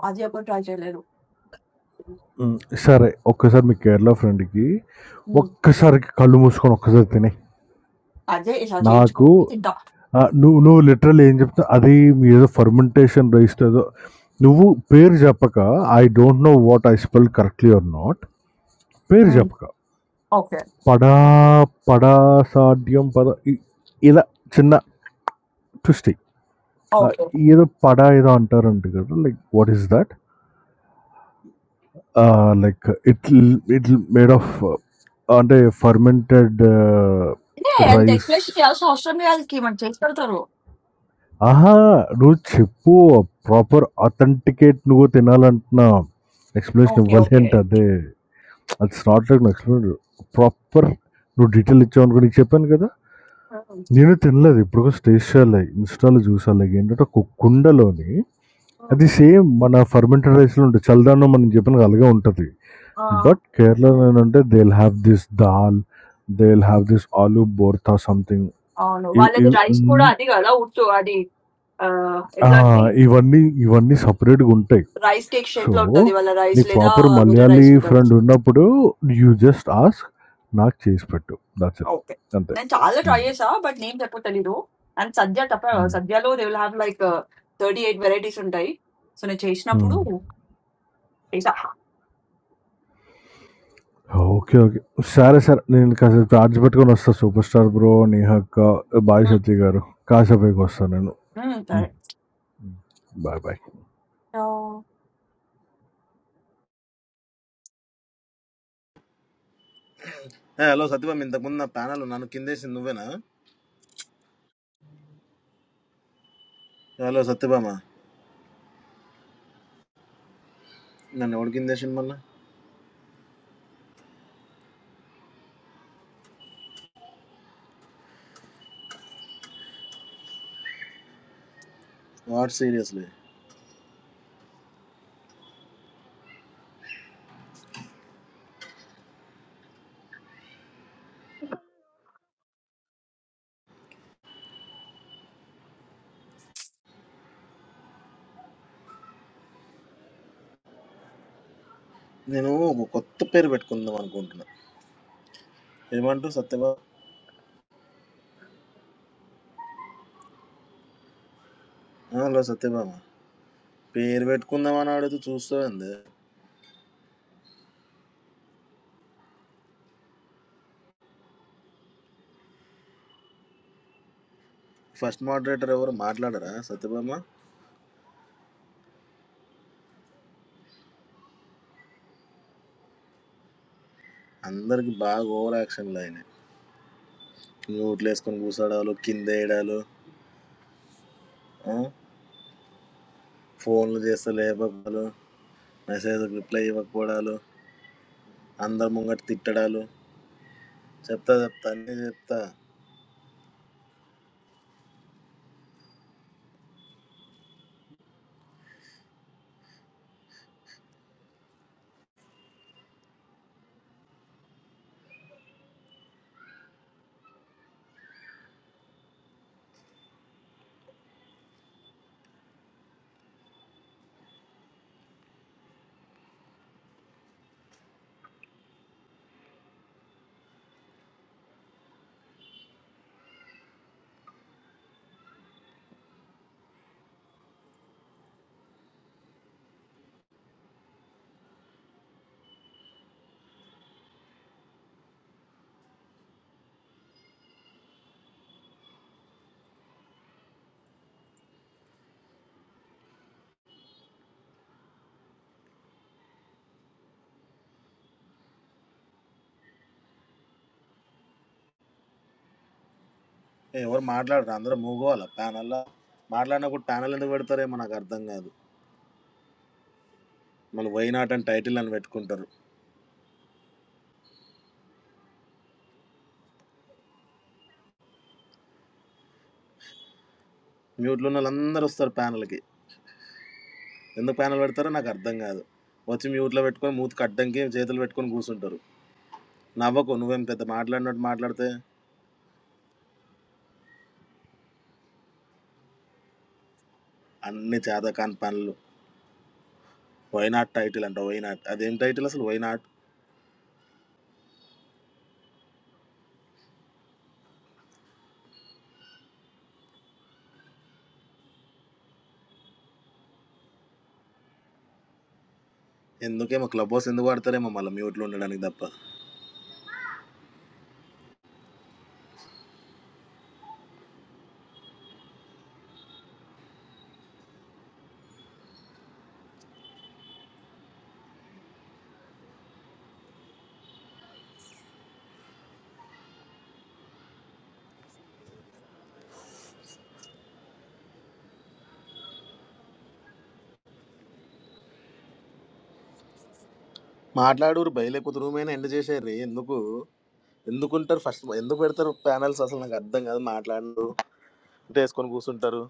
[SPEAKER 1] అది ఎప్పుడు ట్రై చేయలేదు.
[SPEAKER 5] హ్మ్. సరే ఒక్కసారి మీ కేరళ ఫ్రెండ్‌కి
[SPEAKER 1] హ్మ్.
[SPEAKER 5] ఒక్కసారికి కళ్ళు మూసుకొని ఒక్కసారి తినేయి.
[SPEAKER 1] అదే ఇలా
[SPEAKER 5] నాకు
[SPEAKER 1] చేయించుకొని తింటా.
[SPEAKER 5] ఆహ్, నువ్వు నువ్వు లిటరల్లీ ఏం చెప్తున్నావు అది మీ ఏదో ఫెర్మెంటేషన్ రైస్‌తో ఏదో నువ్వు పేరు చెప్పక I don't know what I spell correctly or not పేరు
[SPEAKER 1] హ్మ్.
[SPEAKER 5] చెప్పక
[SPEAKER 1] ఓకే.
[SPEAKER 5] పడా పడా సాడ్యం పద ఇ ఇలా చిన్న ట్విస్ట్ ఎయ్. ఆహ్,
[SPEAKER 1] ఓకే.
[SPEAKER 5] ఏదో పడా ఏదో అంటారంట కదా! Like what is that? ఆ! Like it'll it'll made of అంటే ఫర్మెంటెడ్
[SPEAKER 1] అంటే అంత
[SPEAKER 5] రైస్.
[SPEAKER 1] ఎక్స్‌ప్లనేషన్ చేయాల్సిన అవసరం లేదు ఆళ్ళకి. మనకి చేసి పెడతారు.
[SPEAKER 5] అహా! నువ్వు చెప్పు ప్రాపర్ అథెంటికేట్ నువ్వు తినాలంటున్నావు. Explanation
[SPEAKER 1] okay.
[SPEAKER 5] ఇవ్వాలి
[SPEAKER 1] ఓకే.
[SPEAKER 5] అంటే అదే. It's not like explain proper నువ్వు డీటెయిల్ ఇచ్చావనుకో నీకు చెప్పాను కదా!
[SPEAKER 1] హ్మ్.
[SPEAKER 5] నేను తినలేదు. ఇప్పుడు కూడా టేస్ట్ చేయాలి. ఇన్‌స్టాలో చూసా లైక్ ఏంటంటే ఒక కుండలోని అది
[SPEAKER 1] హ్మ్.
[SPEAKER 5] సేమ్ మన ఫర్మెంటెడ్ రైస్‌లో ఉంటది. చల్దాన్నం మనం చెప్పినగా అలాగే ఉంటది.
[SPEAKER 1] ఆ!
[SPEAKER 5] But Kerala and under they'll have this dal, they'll have this aloo bortha something.
[SPEAKER 1] అవును.
[SPEAKER 5] ఇవ్-
[SPEAKER 1] వాళ్ళది
[SPEAKER 5] ఇవ్-
[SPEAKER 1] రైస్ కూడా
[SPEAKER 5] అన్-
[SPEAKER 1] అది గదా! ఉట్టు అది ఆహ్,
[SPEAKER 5] ఆ,
[SPEAKER 1] ఎట్లా అంటే
[SPEAKER 5] ఇవన్నీ ఇవన్నీ సపరేట్గా ఉంటాయి.
[SPEAKER 1] రైస్ కేక్
[SPEAKER 5] సో
[SPEAKER 1] షేప్‌లో ఉంటది వాళ్ళ రైస్
[SPEAKER 5] నీకు
[SPEAKER 1] లేదా
[SPEAKER 5] ప్రాపర్
[SPEAKER 1] వేరే
[SPEAKER 5] మలయాళీ
[SPEAKER 1] రైస్ ఉంటది.
[SPEAKER 5] ఫ్రెండ్ ఉన్నప్పుడు యూ జస్ట్ ఆస్క్ నాకు చేసి పెట్టు దాట్స్ ఇట్
[SPEAKER 1] ఓకే.
[SPEAKER 5] అంతే
[SPEAKER 1] నేను చాలా ట్రై
[SPEAKER 5] ఉమ్,
[SPEAKER 1] చేశా. బట్ నేమ్స్ ఎప్పుడు తెలీదు. అండ్ సద్య తప్ప
[SPEAKER 5] ఉమ్,
[SPEAKER 1] సద్యలో they will have like 38 varieties ఉంటాయి. సో, నేను
[SPEAKER 5] ఉమ్.
[SPEAKER 1] చేసినప్పుడు చేశా.
[SPEAKER 5] ఓకే ఓకే సరే సరే నేను కాసేపు చార్జ్ పెట్టుకొని వస్తా సూపర్ స్టార్ బ్రో నేహక్క బాయ్
[SPEAKER 1] హ్మ్.
[SPEAKER 5] సత్య గారు కాసేపైకి వస్తాను నేను
[SPEAKER 1] హ్మ్.
[SPEAKER 5] Um, bye bye
[SPEAKER 1] correct.
[SPEAKER 4] ఏ, హలో సత్యభామ ఇంతకుముందు నా ప్యానల్ నన్ను కిందేసింది నువ్వేనా హలో సత్యభామ నన్ను ఎవడు కిందేసింది మళ్ళీ వాట్ సీరియస్లీ నేను ఒక కొత్త పేరు పెట్టుకుందాం అనుకుంటున్నా ఏమంటావు సత్యభామ ఆ, హలో సత్యభామ పేరు పెట్టుకుందాం అని అడుగుతూ చూస్తుంది ఫస్ట్ మోడరేటర్ ఎవరు మాట్లాడరా సత్యభామ అందరికి బాగా ఓవర్ యాక్షన్లు అయినాయి మ్యూట్లు వేసుకొని కూసాడాలు కింద వేయడాలు ఆ, ఫోన్లు చేస్తే లేపడాలు మెసేజ్ రిప్లై ఇవ్వకపోవడాలు అందరు ముంగట తిట్టడాలు చెప్తా చెప్తా అన్నీ చెప్తా ఏ, ఎవరు మాట్లాడరు అందరూ మూగోవాలా ప్యానల్లా మాట్లాడినప్పుడు ప్యానల్ ఎందుకు పెడతారేమో నాకు అర్థం కాదు మళ్ళీ వై నాట్ అని టైటిల్ అని పెట్టుకుంటారు మ్యూట్లో ఉన్న వాళ్ళందరూ వస్తారు ప్యానల్కి ఎందుకు ప్యానల్ పెడతారో నాకు అర్థం కాదు వచ్చి మ్యూట్లో పెట్టుకొని మూతికి అడ్డంకి చేతులు పెట్టుకొని కూర్చుంటారు నవ్వకు నువ్వేం పెద్ద మాట్లాడినట్టు మాట్లాడితే అన్ని చేతకాని పనులు వైనాట్ టైటిల్ అంట వైనాట్ అదేం టైటిల్ అసలు వైనాట్ ఎందుకేమో క్లబ్ హౌస్ ఎందుకు వాడతారేమో మళ్ళీ మ్యూట్లో ఉండడానికి తప్ప మాట్లాడూరు బయలేకపోతే రూమైనా ఎండ్ చేసేది ఎందుకు ఎందుకుంటారు ఫస్ట్ ఎందుకు పెడతారు ప్యానల్స్ అసలు నాకు అర్థం కాదు మాట్లాడు అంటే వేసుకొని కూర్చుంటారు